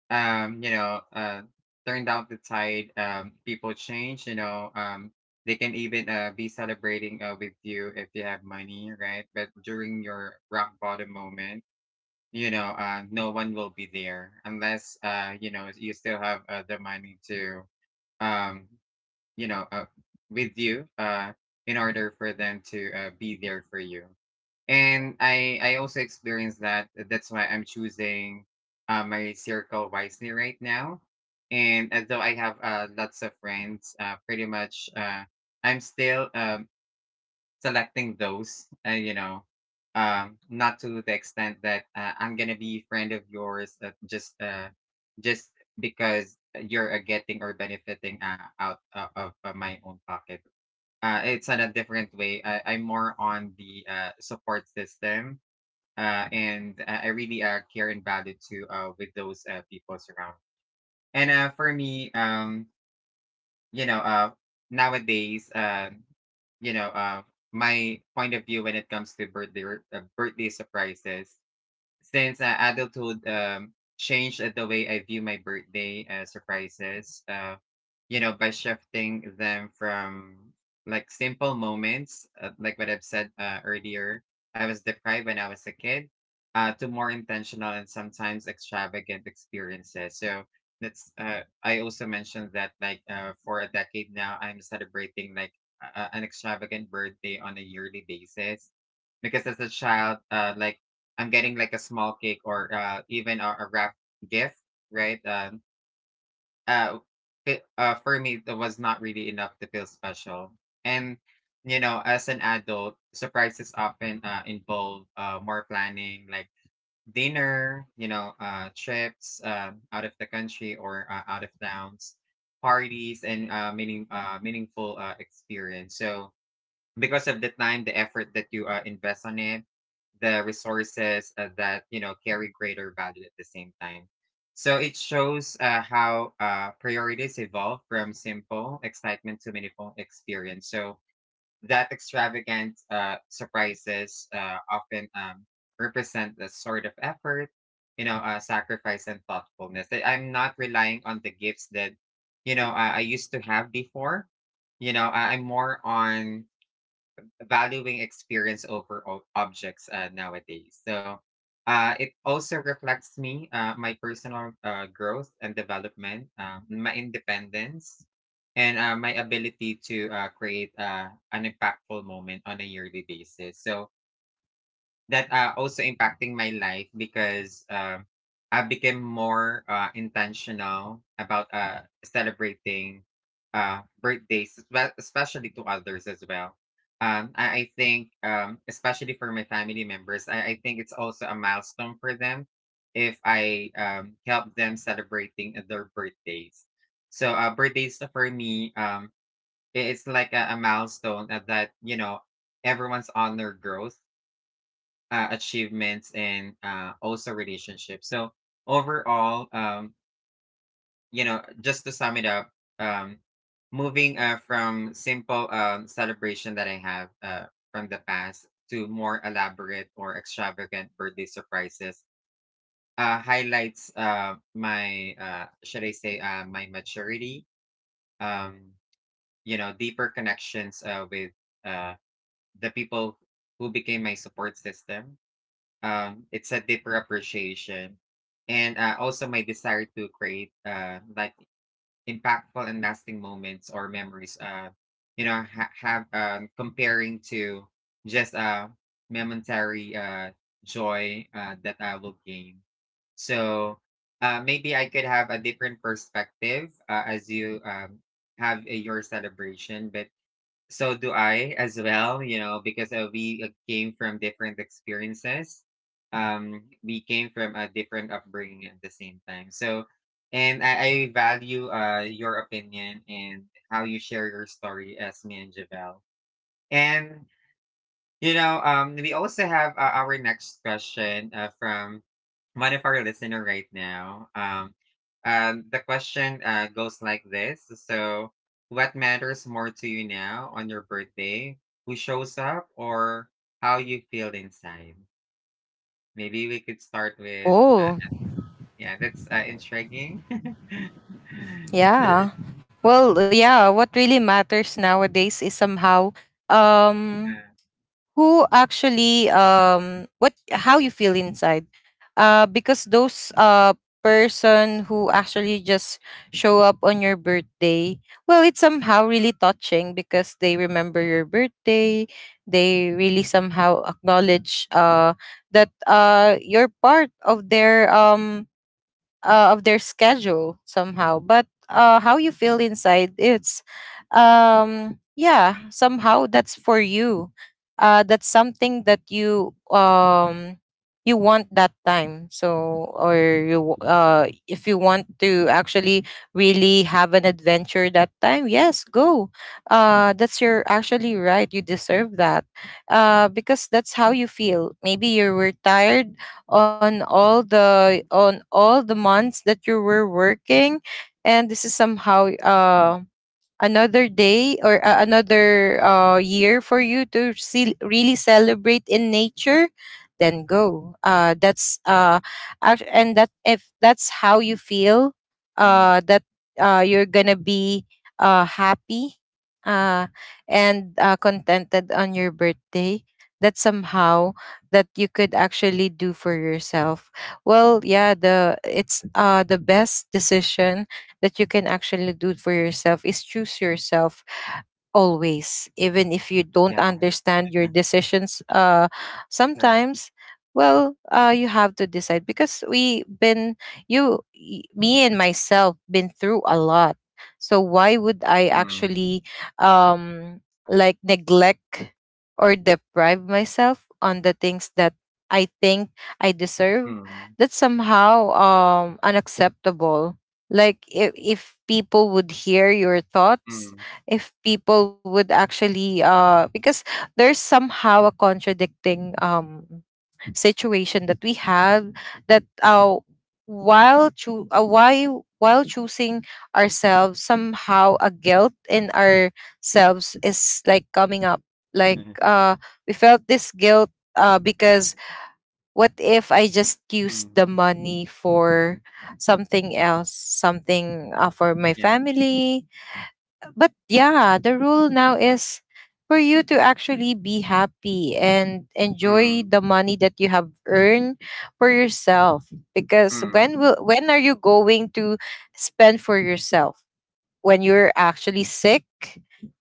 [SPEAKER 1] um, you know, uh, turned out the tide. Um, people change, you know, um, they can even uh, be celebrating uh, with you if you have money, right? But during your rock bottom moment, you know, uh, no one will be there unless, uh, you know, you still have uh, the money to, um, you know, uh, with you uh, in order for them to uh, be there for you. And I I also experienced that. That's why I'm choosing uh, my circle wisely right now. And although I have uh, lots of friends, uh, pretty much uh, I'm still um, selecting those. Uh, you know, um, not to the extent that uh, I'm gonna be friend of yours uh, just uh, just because you're uh, getting or benefiting uh, out uh, of uh, my own pocket. Uh, it's on a different way. I, I'm more on the uh, support system, uh, and uh, I really uh, care and value to uh, with those uh, people around. And uh, for me, um, you know, uh, nowadays, uh, you know, uh, my point of view when it comes to birthday r- uh, birthday surprises since uh, adulthood um, changed uh, the way I view my birthday uh, surprises, uh, you know, by shifting them from like simple moments, uh, like what I've said uh, earlier, I was deprived when I was a kid, uh, to more intentional and sometimes extravagant experiences. So that's, uh, I also mentioned that like uh, for a decade now, I'm celebrating like a- an extravagant birthday on a yearly basis because as a child, uh, like I'm getting like a small cake or uh, even a, a wrap gift, right? Um, uh, it, uh, for me, that was not really enough to feel special. And you know, as an adult, surprises often uh, involve uh, more planning, like dinner, you know, uh, trips uh, out of the country or uh, out of towns, parties, and uh, meaning uh, meaningful uh, experience. So because of the time, the effort that you uh, invest on it, the resources uh, that you know carry greater value at the same time. So it shows uh, how uh, priorities evolve from simple excitement to meaningful experience. So that extravagant uh, surprises uh, often um, represent the sort of effort, you know, uh, sacrifice and thoughtfulness. That I'm not relying on the gifts that you know I, I used to have before. You know, I, I'm more on valuing experience over o- objects uh, nowadays. So uh, it also reflects me, uh, my personal uh, growth and development, uh, my independence, and uh, my ability to uh, create uh, an impactful moment on a yearly basis. So that uh, also impacting my life because um, I became more uh, intentional about uh, celebrating uh, birthdays, espe- especially to others as well. Um, I, I think, um, especially for my family members, I, I think it's also a milestone for them if I um, help them celebrating their birthdays. So uh, birthdays for me, um, i- it's like a, a milestone that, that you know everyone's honor grows uh, achievements and uh, also relationships. So overall, um, you know, just to sum it up, um, moving uh, from simple um, celebration that I have uh, from the past to more elaborate or extravagant birthday surprises uh, highlights uh, my uh, should I say uh, my maturity. Um, you know, deeper connections uh, with uh, the people who became my support system. Um, it's a deeper appreciation, and uh, also my desire to create uh, like impactful and lasting moments or memories. Uh, you know, ha- have um, comparing to just uh, momentary uh, joy uh, that I will gain. So uh, maybe I could have a different perspective uh, as you um, have uh, your celebration, but so do I as well, you know, because uh, we uh, came from different experiences. Um, we came from a different upbringing at the same time. So, and I, I value uh your opinion and how you share your story, Esme and Javel. And you know, um, we also have uh, our next question uh, from one of our listener right now. Um, um, the question uh, goes like this: So, what matters more to you now on your birthday? Who shows up, or how you feel inside? Maybe we could start with uh,
[SPEAKER 3] Oh.
[SPEAKER 1] yeah, that's uh, intriguing. it's,
[SPEAKER 3] Yeah. Well, yeah, what really matters nowadays is somehow um
[SPEAKER 1] uh,
[SPEAKER 3] who actually, um what how you feel inside. Uh because those uh person who actually just show up on your birthday, well, it's somehow really touching because they remember your birthday. They really somehow acknowledge uh that uh you're part of their um uh, of their schedule somehow. But uh, how you feel inside, it's um yeah, somehow that's for you, uh that's something that you um you want that time. So, or you, uh if you want to actually really have an adventure that time, yes, go, uh that's your actually right, you deserve that, uh because that's how you feel. Maybe you were tired on all the on all the months that you were working, and this is somehow
[SPEAKER 1] mm,
[SPEAKER 3] uh another day, or uh, another uh, year for you to see, really celebrate in nature. Then go, uh, that's uh, act- and that, if that's how you feel,
[SPEAKER 1] mm,
[SPEAKER 3] uh, that uh, you're gonna be uh, happy uh, and uh, contented on your birthday. That somehow that you could actually do for yourself. Well, yeah, the it's uh the best decision that you can actually do for yourself is choose yourself always, even if you don't
[SPEAKER 1] yeah,
[SPEAKER 3] understand your decisions uh
[SPEAKER 1] correct.
[SPEAKER 3] sometimes. Well, uh you have to decide because we been, you y- me and myself been through a lot. So why would I
[SPEAKER 1] Mm,
[SPEAKER 3] actually um like neglect or deprive myself on the things that I think I deserve?
[SPEAKER 1] mm,
[SPEAKER 3] That's somehow um unacceptable. Like if, if people would hear your thoughts,
[SPEAKER 1] mm,
[SPEAKER 3] if people would actually uh because there's somehow a contradicting um situation that we have, that uh while choo- uh, why while choosing ourselves, somehow a guilt in ourselves is like coming up, like
[SPEAKER 1] mm,
[SPEAKER 3] uh we felt this guilt uh because what if I just use the
[SPEAKER 1] mm,
[SPEAKER 3] money for something else, something uh, for my
[SPEAKER 1] yeah.
[SPEAKER 3] family? But yeah, the rule now is for you to actually be happy and enjoy
[SPEAKER 1] Mm.
[SPEAKER 3] the money that you have earned for yourself. Because
[SPEAKER 1] Mm,
[SPEAKER 3] when will, when are you going to spend for yourself? When you're actually sick,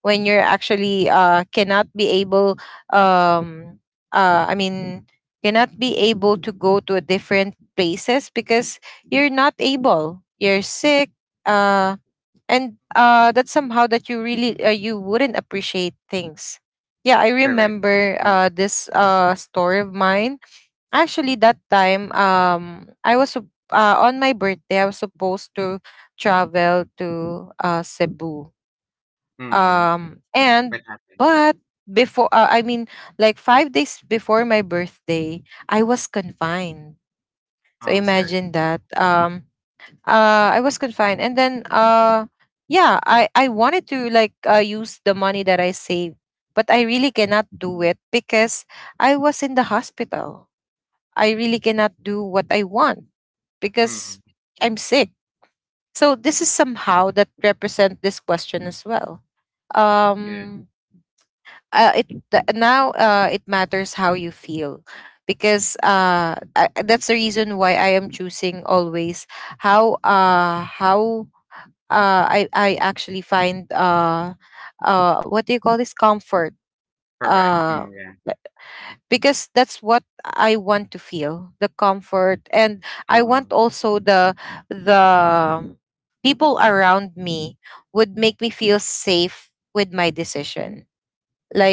[SPEAKER 3] when you're actually uh cannot be able, um uh i mean cannot be able to go to a different places because you're not able, you're sick. Uh and uh That's somehow that you really uh, you wouldn't appreciate things. Yeah, I
[SPEAKER 1] correct.
[SPEAKER 3] remember
[SPEAKER 1] Mm,
[SPEAKER 3] uh this uh story of mine, actually. That time, um I was sup- uh, on my birthday I was supposed to travel to uh Cebu
[SPEAKER 1] mm,
[SPEAKER 3] um
[SPEAKER 1] what
[SPEAKER 3] and
[SPEAKER 1] happened?
[SPEAKER 3] but before uh, I mean like five days before my birthday I was confined.
[SPEAKER 1] Oh,
[SPEAKER 3] So
[SPEAKER 1] I'm sorry.
[SPEAKER 3] imagine that, um uh I was confined, and then uh yeah, I i wanted to like uh, use the money that I saved, but I really cannot do
[SPEAKER 1] Mm,
[SPEAKER 3] it because I was in the hospital. I really cannot do what I want because
[SPEAKER 1] mm,
[SPEAKER 3] I'm sick. So this is somehow that represent this question as well.
[SPEAKER 1] yeah,
[SPEAKER 3] Um uh, it th- Now uh it matters how you feel. Because uh I, that's the reason why I am choosing always how, uh how uh, I I actually find uh, uh, what do you call this, comfort?
[SPEAKER 1] correct.
[SPEAKER 3] Uh,
[SPEAKER 1] Mm, yeah,
[SPEAKER 3] b- because that's what I want to feel, the comfort. And I want
[SPEAKER 1] mm,
[SPEAKER 3] also the the people around me would make me feel safe with my decision,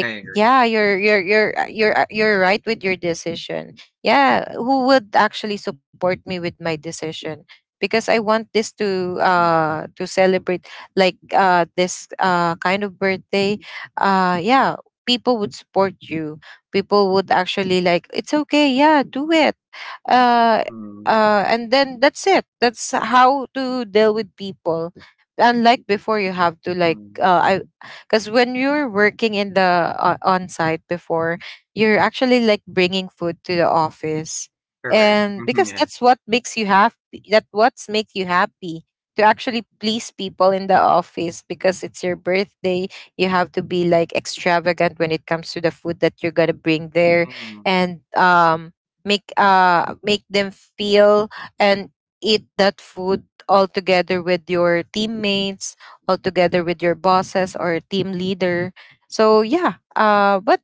[SPEAKER 1] I agree.
[SPEAKER 3] yeah, you're you're you're uh, you're uh, you're right with your decision. Yeah, who would actually support me with my decision, because I want this to
[SPEAKER 1] Mm,
[SPEAKER 3] uh to celebrate like uh this uh kind of birthday. Uh yeah, people would support you, people would actually, like, it's okay, yeah, do it, uh,
[SPEAKER 1] mm,
[SPEAKER 3] uh, and then that's it. That's how to deal with people. Unlike before, you have to, like
[SPEAKER 1] mm,
[SPEAKER 3] uh, I, because when you're working in the uh, on site before, you're actually like bringing food to the office,
[SPEAKER 1] correct.
[SPEAKER 3] and
[SPEAKER 1] Mm,
[SPEAKER 3] because
[SPEAKER 1] yeah,
[SPEAKER 3] that's what makes you happy. That what's make you happy to actually please people in the office because it's your birthday. You have to be like extravagant when it comes to the food that you're gonna bring there,
[SPEAKER 1] mm,
[SPEAKER 3] and um make uh make them feel and eat that food all together with your teammates, all together with your bosses or team leader. So yeah, uh but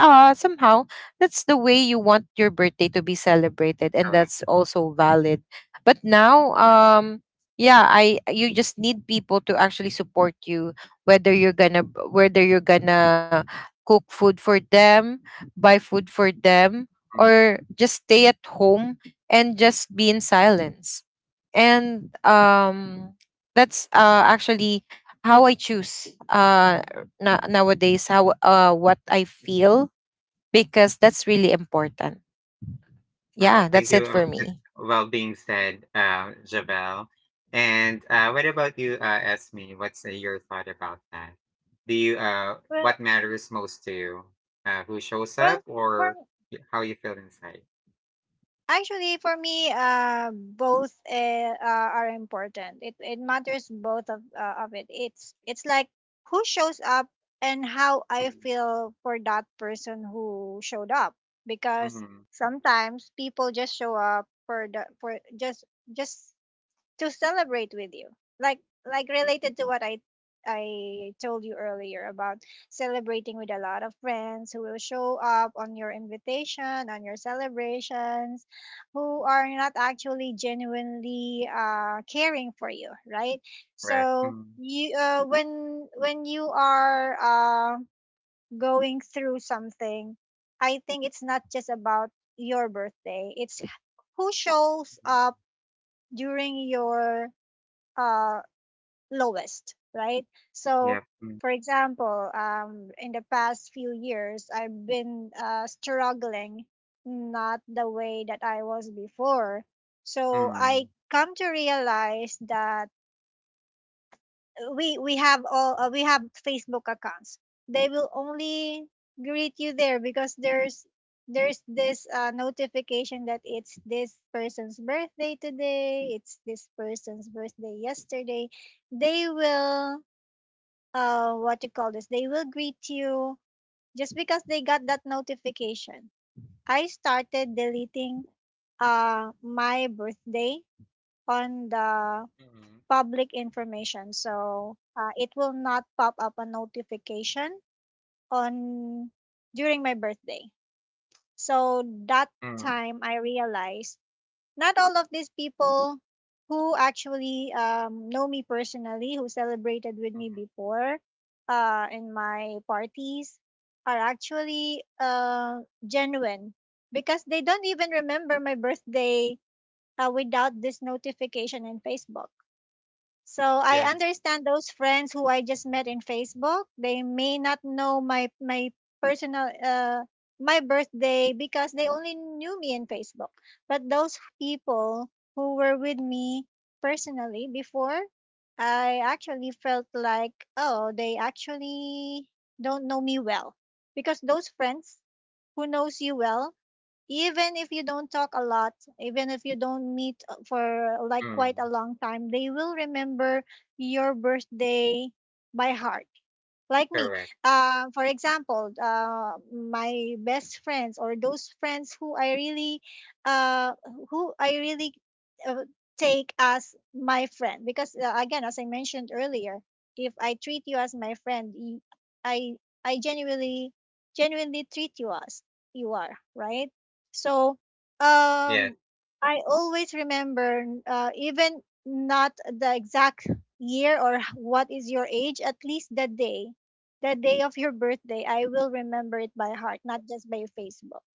[SPEAKER 3] uh somehow that's the way you want your birthday to be celebrated, and
[SPEAKER 1] correct.
[SPEAKER 3] that's also valid. But now,
[SPEAKER 1] Yeah,
[SPEAKER 3] um yeah, I, you just need people to actually support you, whether you're gonna, whether you're gonna cook food for them, buy food for them,
[SPEAKER 1] mm.
[SPEAKER 3] or just stay at home and just be in silence. And um, that's uh, actually how I choose uh, na- nowadays, how uh, what I feel, because that's really important.
[SPEAKER 1] Well,
[SPEAKER 3] Yeah,
[SPEAKER 1] thank
[SPEAKER 3] that's it
[SPEAKER 1] you.
[SPEAKER 3] for
[SPEAKER 1] uh, That's
[SPEAKER 3] me.
[SPEAKER 1] well being said, uh, Javel. And uh, what about you, uh, Esme? What's uh, your thought about that? Do you, uh,
[SPEAKER 2] Well,
[SPEAKER 1] what matters most to you? Uh, who shows up
[SPEAKER 2] Well, for
[SPEAKER 1] or y- how you feel inside?
[SPEAKER 2] actually for me, uh, both uh, uh, are important. It it matters both of uh, of it. It's it's like who shows up and how I
[SPEAKER 1] Mm,
[SPEAKER 2] feel for that person who showed up, because
[SPEAKER 1] mm.
[SPEAKER 2] sometimes people just show up for the for just just to celebrate with you, like like related to what i i told you earlier about celebrating with a lot of friends who will show up on your invitation, on your celebrations, who are not actually genuinely uh, caring for you, right?
[SPEAKER 1] Correct.
[SPEAKER 2] So
[SPEAKER 1] Mm,
[SPEAKER 2] you uh, when when you are uh, going through something, I think it's not just about your birthday, it's who shows
[SPEAKER 1] mm.
[SPEAKER 2] up during your uh, lowest, right? So,
[SPEAKER 1] Yep. Mm,
[SPEAKER 2] for example, um, in the past few years, I've been uh, struggling, not the way that I was before. So, I
[SPEAKER 1] mm,
[SPEAKER 2] come to realize that we we have all uh, we have Facebook accounts. They will only greet you there because there's there's this uh, notification that it's this person's birthday today, it's this person's birthday yesterday. They will uh what you call this? They will greet you just because they got that notification. I started deleting uh my birthday on the
[SPEAKER 1] mm,
[SPEAKER 2] public information. So uh, it will not pop up a notification on during my birthday. So that
[SPEAKER 1] mm,
[SPEAKER 2] time I realized not all of these people who actually um, know me personally, who celebrated with me
[SPEAKER 1] mm.
[SPEAKER 2] before uh, in my parties, are actually uh, genuine, because they don't even remember my birthday uh, without this notification in Facebook. So I
[SPEAKER 1] Yeah.
[SPEAKER 2] understand those friends who I just met in Facebook. They may not know my my personal uh my birthday because they only knew me in Facebook. But those people who were with me personally before, I actually felt like, oh, they actually don't know me well, because those friends who knows you well, even if you don't talk a lot, even if you don't meet uh, for like quite a
[SPEAKER 1] Mm.
[SPEAKER 2] long time, they will remember your birthday by heart, like me.
[SPEAKER 1] Correct.
[SPEAKER 2] Uh, for example, uh, my best friends or those friends who I really, uh, who I really uh, take as my friend. Because uh, again, as I mentioned earlier, if I treat you as my friend, y- I I genuinely genuinely treat you as you are, right? So,
[SPEAKER 1] Yes.
[SPEAKER 2] um, I always remember, uh, even not the exact year or what is your age, at least the day the day of your birthday. I will remember it by heart, not just by Facebook.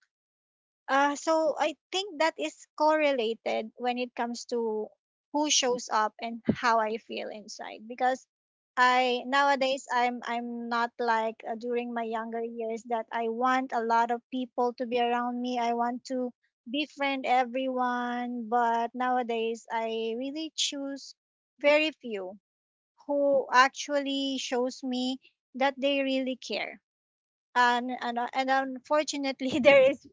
[SPEAKER 2] Uh, so I think that is correlated when it comes to who shows up and how I feel inside. Because I nowadays I'm I'm not like uh, during my younger years that I want a lot of people to be around me. I want to befriend everyone, but nowadays I really choose very few who actually shows me that they really care. And and uh, and unfortunately, there is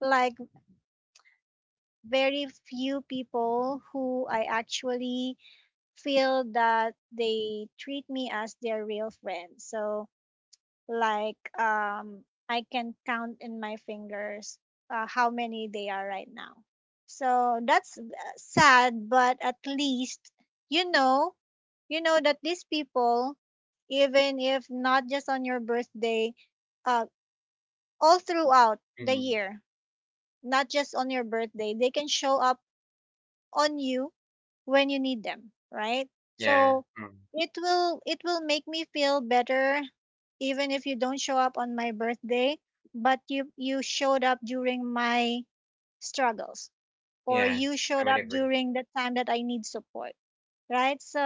[SPEAKER 2] like very few people who I actually feel that they treat me as their real friend. So like um, I can count in my fingers uh, how many they are right now. So that's uh, sad, but at least you know, you know that these people, even if not just on your birthday, uh, all throughout the
[SPEAKER 1] Mm.
[SPEAKER 2] year, not just on your birthday, they can show up on you when you need them, right?
[SPEAKER 1] Yeah.
[SPEAKER 2] So
[SPEAKER 1] Mm.
[SPEAKER 2] it will it will make me feel better even if you don't show up on my birthday, but you you showed up during my struggles, or
[SPEAKER 1] Yeah.
[SPEAKER 2] you
[SPEAKER 1] I
[SPEAKER 2] showed
[SPEAKER 1] would
[SPEAKER 2] up
[SPEAKER 1] agree.
[SPEAKER 2] during the time that I need support, right? So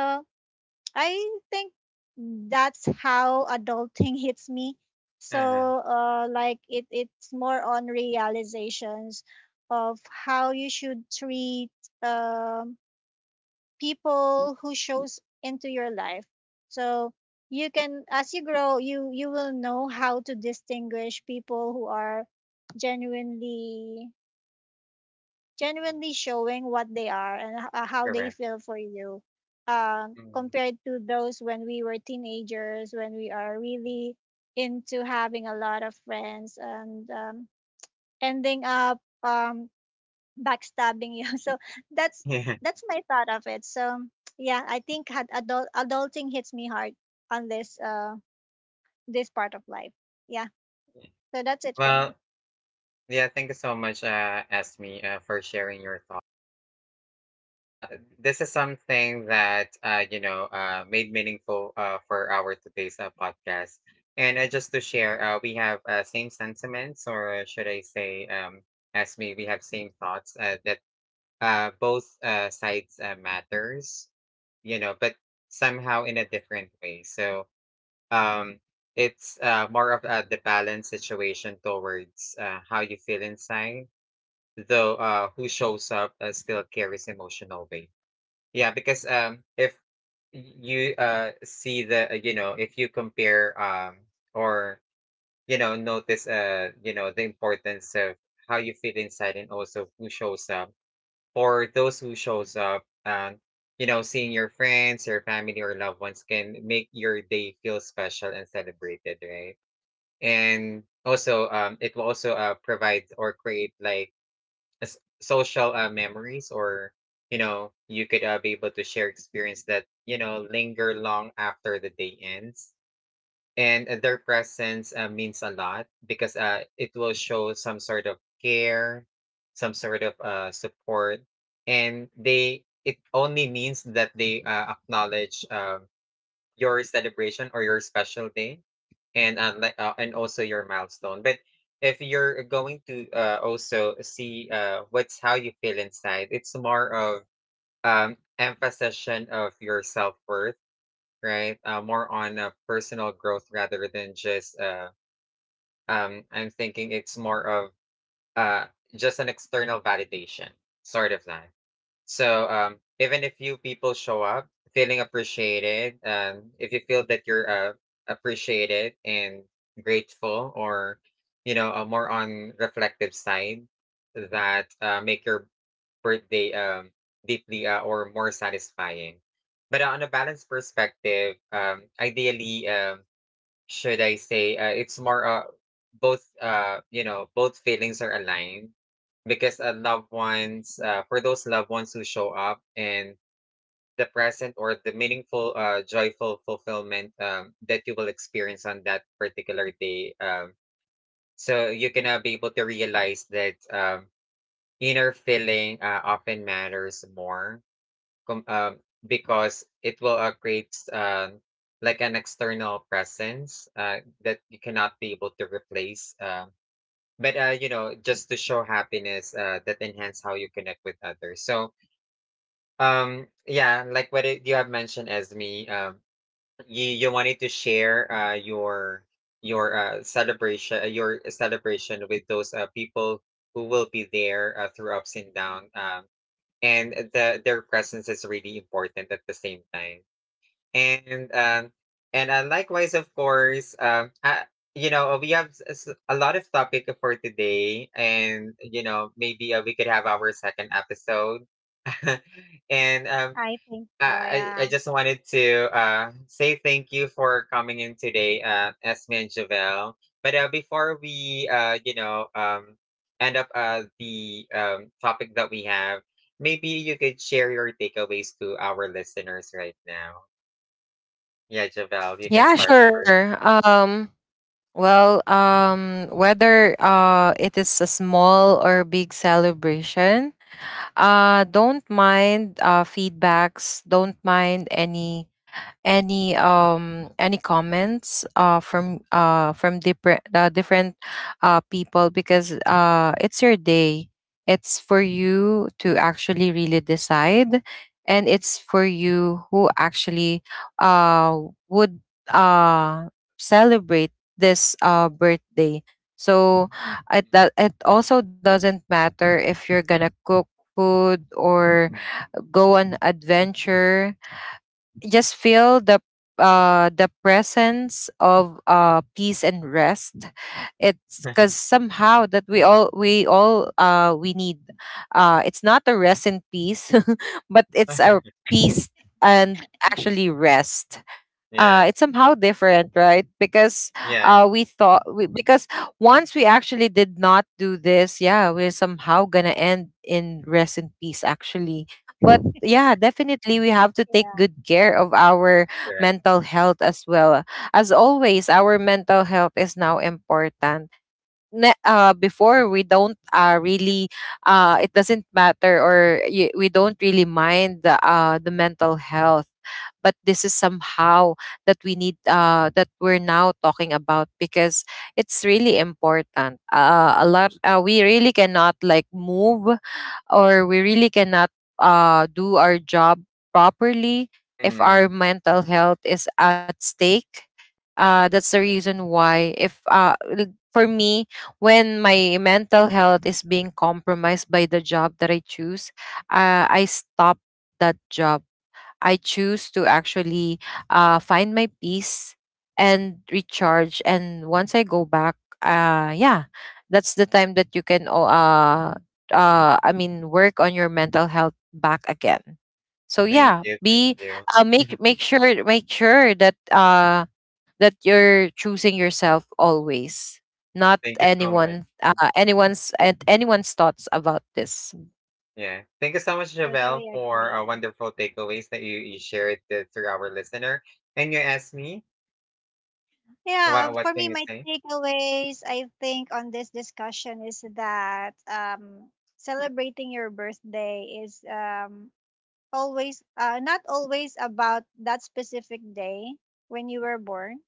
[SPEAKER 2] I think that's how adulting hits me. So
[SPEAKER 1] Uh,
[SPEAKER 2] uh like it it's more on realizations of how you should treat um people who shows into your life. So you can, as you grow, you you will know how to distinguish people who are genuinely
[SPEAKER 1] mm.
[SPEAKER 2] genuinely showing what they are and h- uh, how they
[SPEAKER 1] Correct.
[SPEAKER 2] feel for you, um
[SPEAKER 1] Mm.
[SPEAKER 2] compared to those when we were teenagers when we are really into having a lot of friends and um, ending up um backstabbing you. So that's that's my thought of it. So yeah, I think had adult adulting hits me hard on this uh this part of life. Yeah.
[SPEAKER 1] Yeah.
[SPEAKER 2] So that's it for me.
[SPEAKER 1] Well, yeah, thank you so much, uh, Esme, uh, for sharing your thoughts. Uh, this is something that uh, you know uh, made meaningful uh, for our today's uh, podcast. And uh, just to share, uh, we have uh, same sentiments, or uh, should I say, um, as me, we have same thoughts uh, that uh, both uh, sides uh, matters, you know, but somehow in a different way. So um, it's uh, more of uh, the balance situation towards uh, how you feel inside, though uh, who shows up uh, still carries emotional weight. Yeah, because um, if you uh see the uh, you know if you compare um or you know notice uh you know the importance of how you feel inside and also who shows up for those who shows up um you know seeing your friends your family or loved ones can make your day feel special and celebrated, right. And also um it will also uh provide or create like as social uh, memories or you know you could uh, be able to share experience that you know linger long after the day ends. And uh, their presence uh, means a lot because uh, it will show some sort of care, some sort of uh, support, and they it only means that they uh, acknowledge um your celebration or your special day, and unlike uh, and also your milestone. But if you're going to uh, also see uh, what's how you feel inside, it's more of um emphasis of your self-worth, right. Uh, more on uh, personal growth rather than just uh um I'm thinking it's more of uh just an external validation, sort of that. So, um, even if few people show up, feeling appreciated, um, if you feel that you're uh, appreciated and grateful, or you know, a more on reflective side, that uh, make your birthday um, deeply uh, or more satisfying. But uh, on a balanced perspective, um, ideally, um, should I say, uh, it's more uh, both uh, you know both feelings are aligned, because uh, loved ones uh, for those loved ones who show up and the present or the meaningful uh, joyful fulfillment um, that you will experience on that particular day. Um, so you can uh, be able to realize that um, inner feeling uh, often matters more com- um, because it will uh, create um, like an external presence uh, that you cannot be able to replace. Um, but uh, you know, just to show happiness uh, that enhance how you connect with others. So um, yeah, like what it, you have mentioned, Esme, um, you you wanted to share uh, your your uh, celebration, uh, your celebration with those uh, people who will be there uh, through ups and downs. Um, and uh, the their presence is really important at the same time. And um, and uh, likewise, of course, um, uh, you know, we have s- s- a lot of topic for today, and you know, maybe uh, we could have our second episode. and um,
[SPEAKER 2] I think so,
[SPEAKER 1] I, I I
[SPEAKER 2] yeah.
[SPEAKER 1] just wanted to uh, say thank you for coming in today, uh, Esme and Javelle. But uh, before we, uh, you know, um, end up uh, the um, topic that we have, maybe you could share your takeaways to our listeners right now. Yeah, Javelle, you can
[SPEAKER 3] Yeah,
[SPEAKER 1] start first.
[SPEAKER 3] sure. Um, well, um, whether uh, it is a small or big celebration, uh, don't mind uh, feedbacks, don't mind any any um any comments uh from uh from different, uh, different uh people, because uh it's your day. It's for you to actually really decide, and it's for you who actually uh would uh celebrate this uh birthday. So it, that it also doesn't matter if you're gonna cook food or
[SPEAKER 1] Mm.
[SPEAKER 3] go on adventure, just feel the uh the presence of uh peace and rest. It's because somehow that we all we all uh we need uh it's not a rest in peace but it's a peace and actually rest. Uh,
[SPEAKER 1] yeah,
[SPEAKER 3] it's somehow different, right? Because
[SPEAKER 1] yeah,
[SPEAKER 3] uh, we thought we, because once we actually did not do this, yeah, we're somehow gonna end in rest in peace, actually. But yeah, definitely we have to take
[SPEAKER 2] Yeah,
[SPEAKER 3] good care of our
[SPEAKER 1] correct.
[SPEAKER 3] mental health as well. As always, our mental health is now important. Ne- uh, before we don't uh, really uh, it doesn't matter, or y- we don't really mind the, uh, the mental health. But this is somehow that we need, uh, that we're now talking about, because it's really important. Uh, a lot uh, We really cannot like move, or we really cannot uh, do our job properly if our
[SPEAKER 1] Mm,
[SPEAKER 3] mental health is at stake. Uh, that's the reason why, if uh, l- for me, when my mental health is being compromised by the job that I choose, uh, I stop that job. I choose to actually uh, find my peace and recharge. And once I go back, uh, yeah, that's the time that you can, o- uh, uh, I mean, work on your mental health back again. So
[SPEAKER 1] thank
[SPEAKER 3] yeah,
[SPEAKER 1] you, thank
[SPEAKER 3] be,
[SPEAKER 1] you.
[SPEAKER 3] uh, make, make sure make sure that uh that you're choosing yourself always, not
[SPEAKER 1] Thank you so much.
[SPEAKER 3] anyone, uh, anyone's, and anyone's thoughts about this.
[SPEAKER 1] Yeah. Thank you so much, Javelle,
[SPEAKER 2] totally
[SPEAKER 1] for uh,
[SPEAKER 2] agree.
[SPEAKER 1] wonderful takeaways that you, you shared to, to our listener. And you asked me,
[SPEAKER 2] Yeah,
[SPEAKER 1] what, what
[SPEAKER 2] for me
[SPEAKER 1] can you
[SPEAKER 2] my
[SPEAKER 1] say?
[SPEAKER 2] takeaways I think on this discussion is that um celebrating your birthday is um always, uh, not always about that specific day when you were born.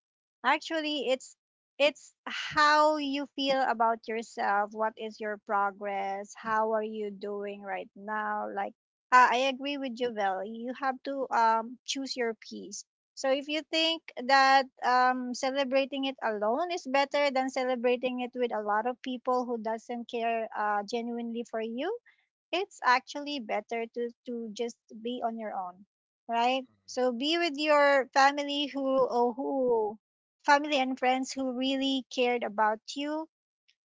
[SPEAKER 2] Actually, it's it's how you feel about yourself, what is your progress, how are you doing right now. Like uh, I agree with Jovel, you have to um choose your piece. So if you think that um celebrating it alone is better than celebrating it with a lot of people who doesn't care uh, genuinely for you, it's actually better to to just be on your own, right? So be with your family who or who, family and friends who really cared about you.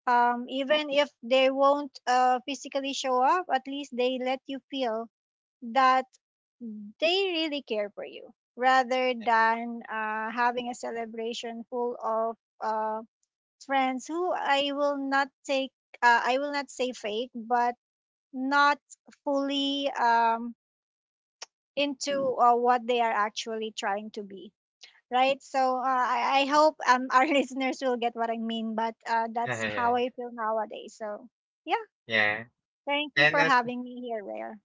[SPEAKER 2] Um, even if they won't uh, physically show up, at least they let you feel that they really care for you, rather
[SPEAKER 1] Yeah.
[SPEAKER 2] than uh, having a celebration full of uh, friends who I will not take, uh, I will not say fake, but not fully um, into uh, what they are actually trying to be, right? So uh, I, I hope um, our listeners will get what I mean, but uh, that's how
[SPEAKER 1] Yeah.
[SPEAKER 2] I feel nowadays. So yeah,
[SPEAKER 1] Yeah.
[SPEAKER 2] thank you
[SPEAKER 1] And
[SPEAKER 2] for
[SPEAKER 1] uh,
[SPEAKER 2] having me here, Rare.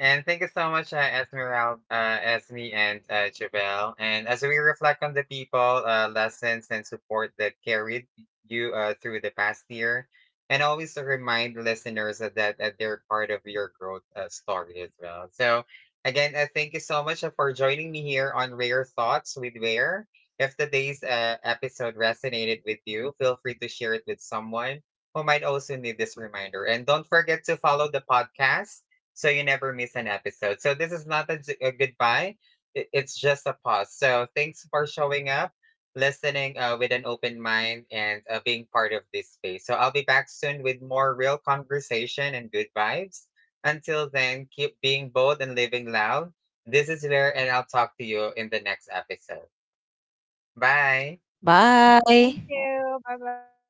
[SPEAKER 1] And thank you so much, uh, Esmeralda, uh, Esme, and uh, Javel. And as we reflect on the people, uh, lessons, and support that carried you uh, through the past year, and always remind listeners that, that they're part of your growth uh, story as well. So, again, uh, thank you so much uh, for joining me here on Rare Thoughts with Rare. If today's uh, episode resonated with you, feel free to share it with someone who might also need this reminder. And don't forget to follow the podcast so you never miss an episode. So this is not a, j- a goodbye. It, it's just a pause. So thanks for showing up, listening uh, with an open mind, and uh, being part of this space. So I'll be back soon with more real conversation and good vibes. Until then, keep being bold and living loud. This is where, and I'll talk to you in the next episode. Bye.
[SPEAKER 2] Thank
[SPEAKER 3] Bye.
[SPEAKER 2] you, bye bye.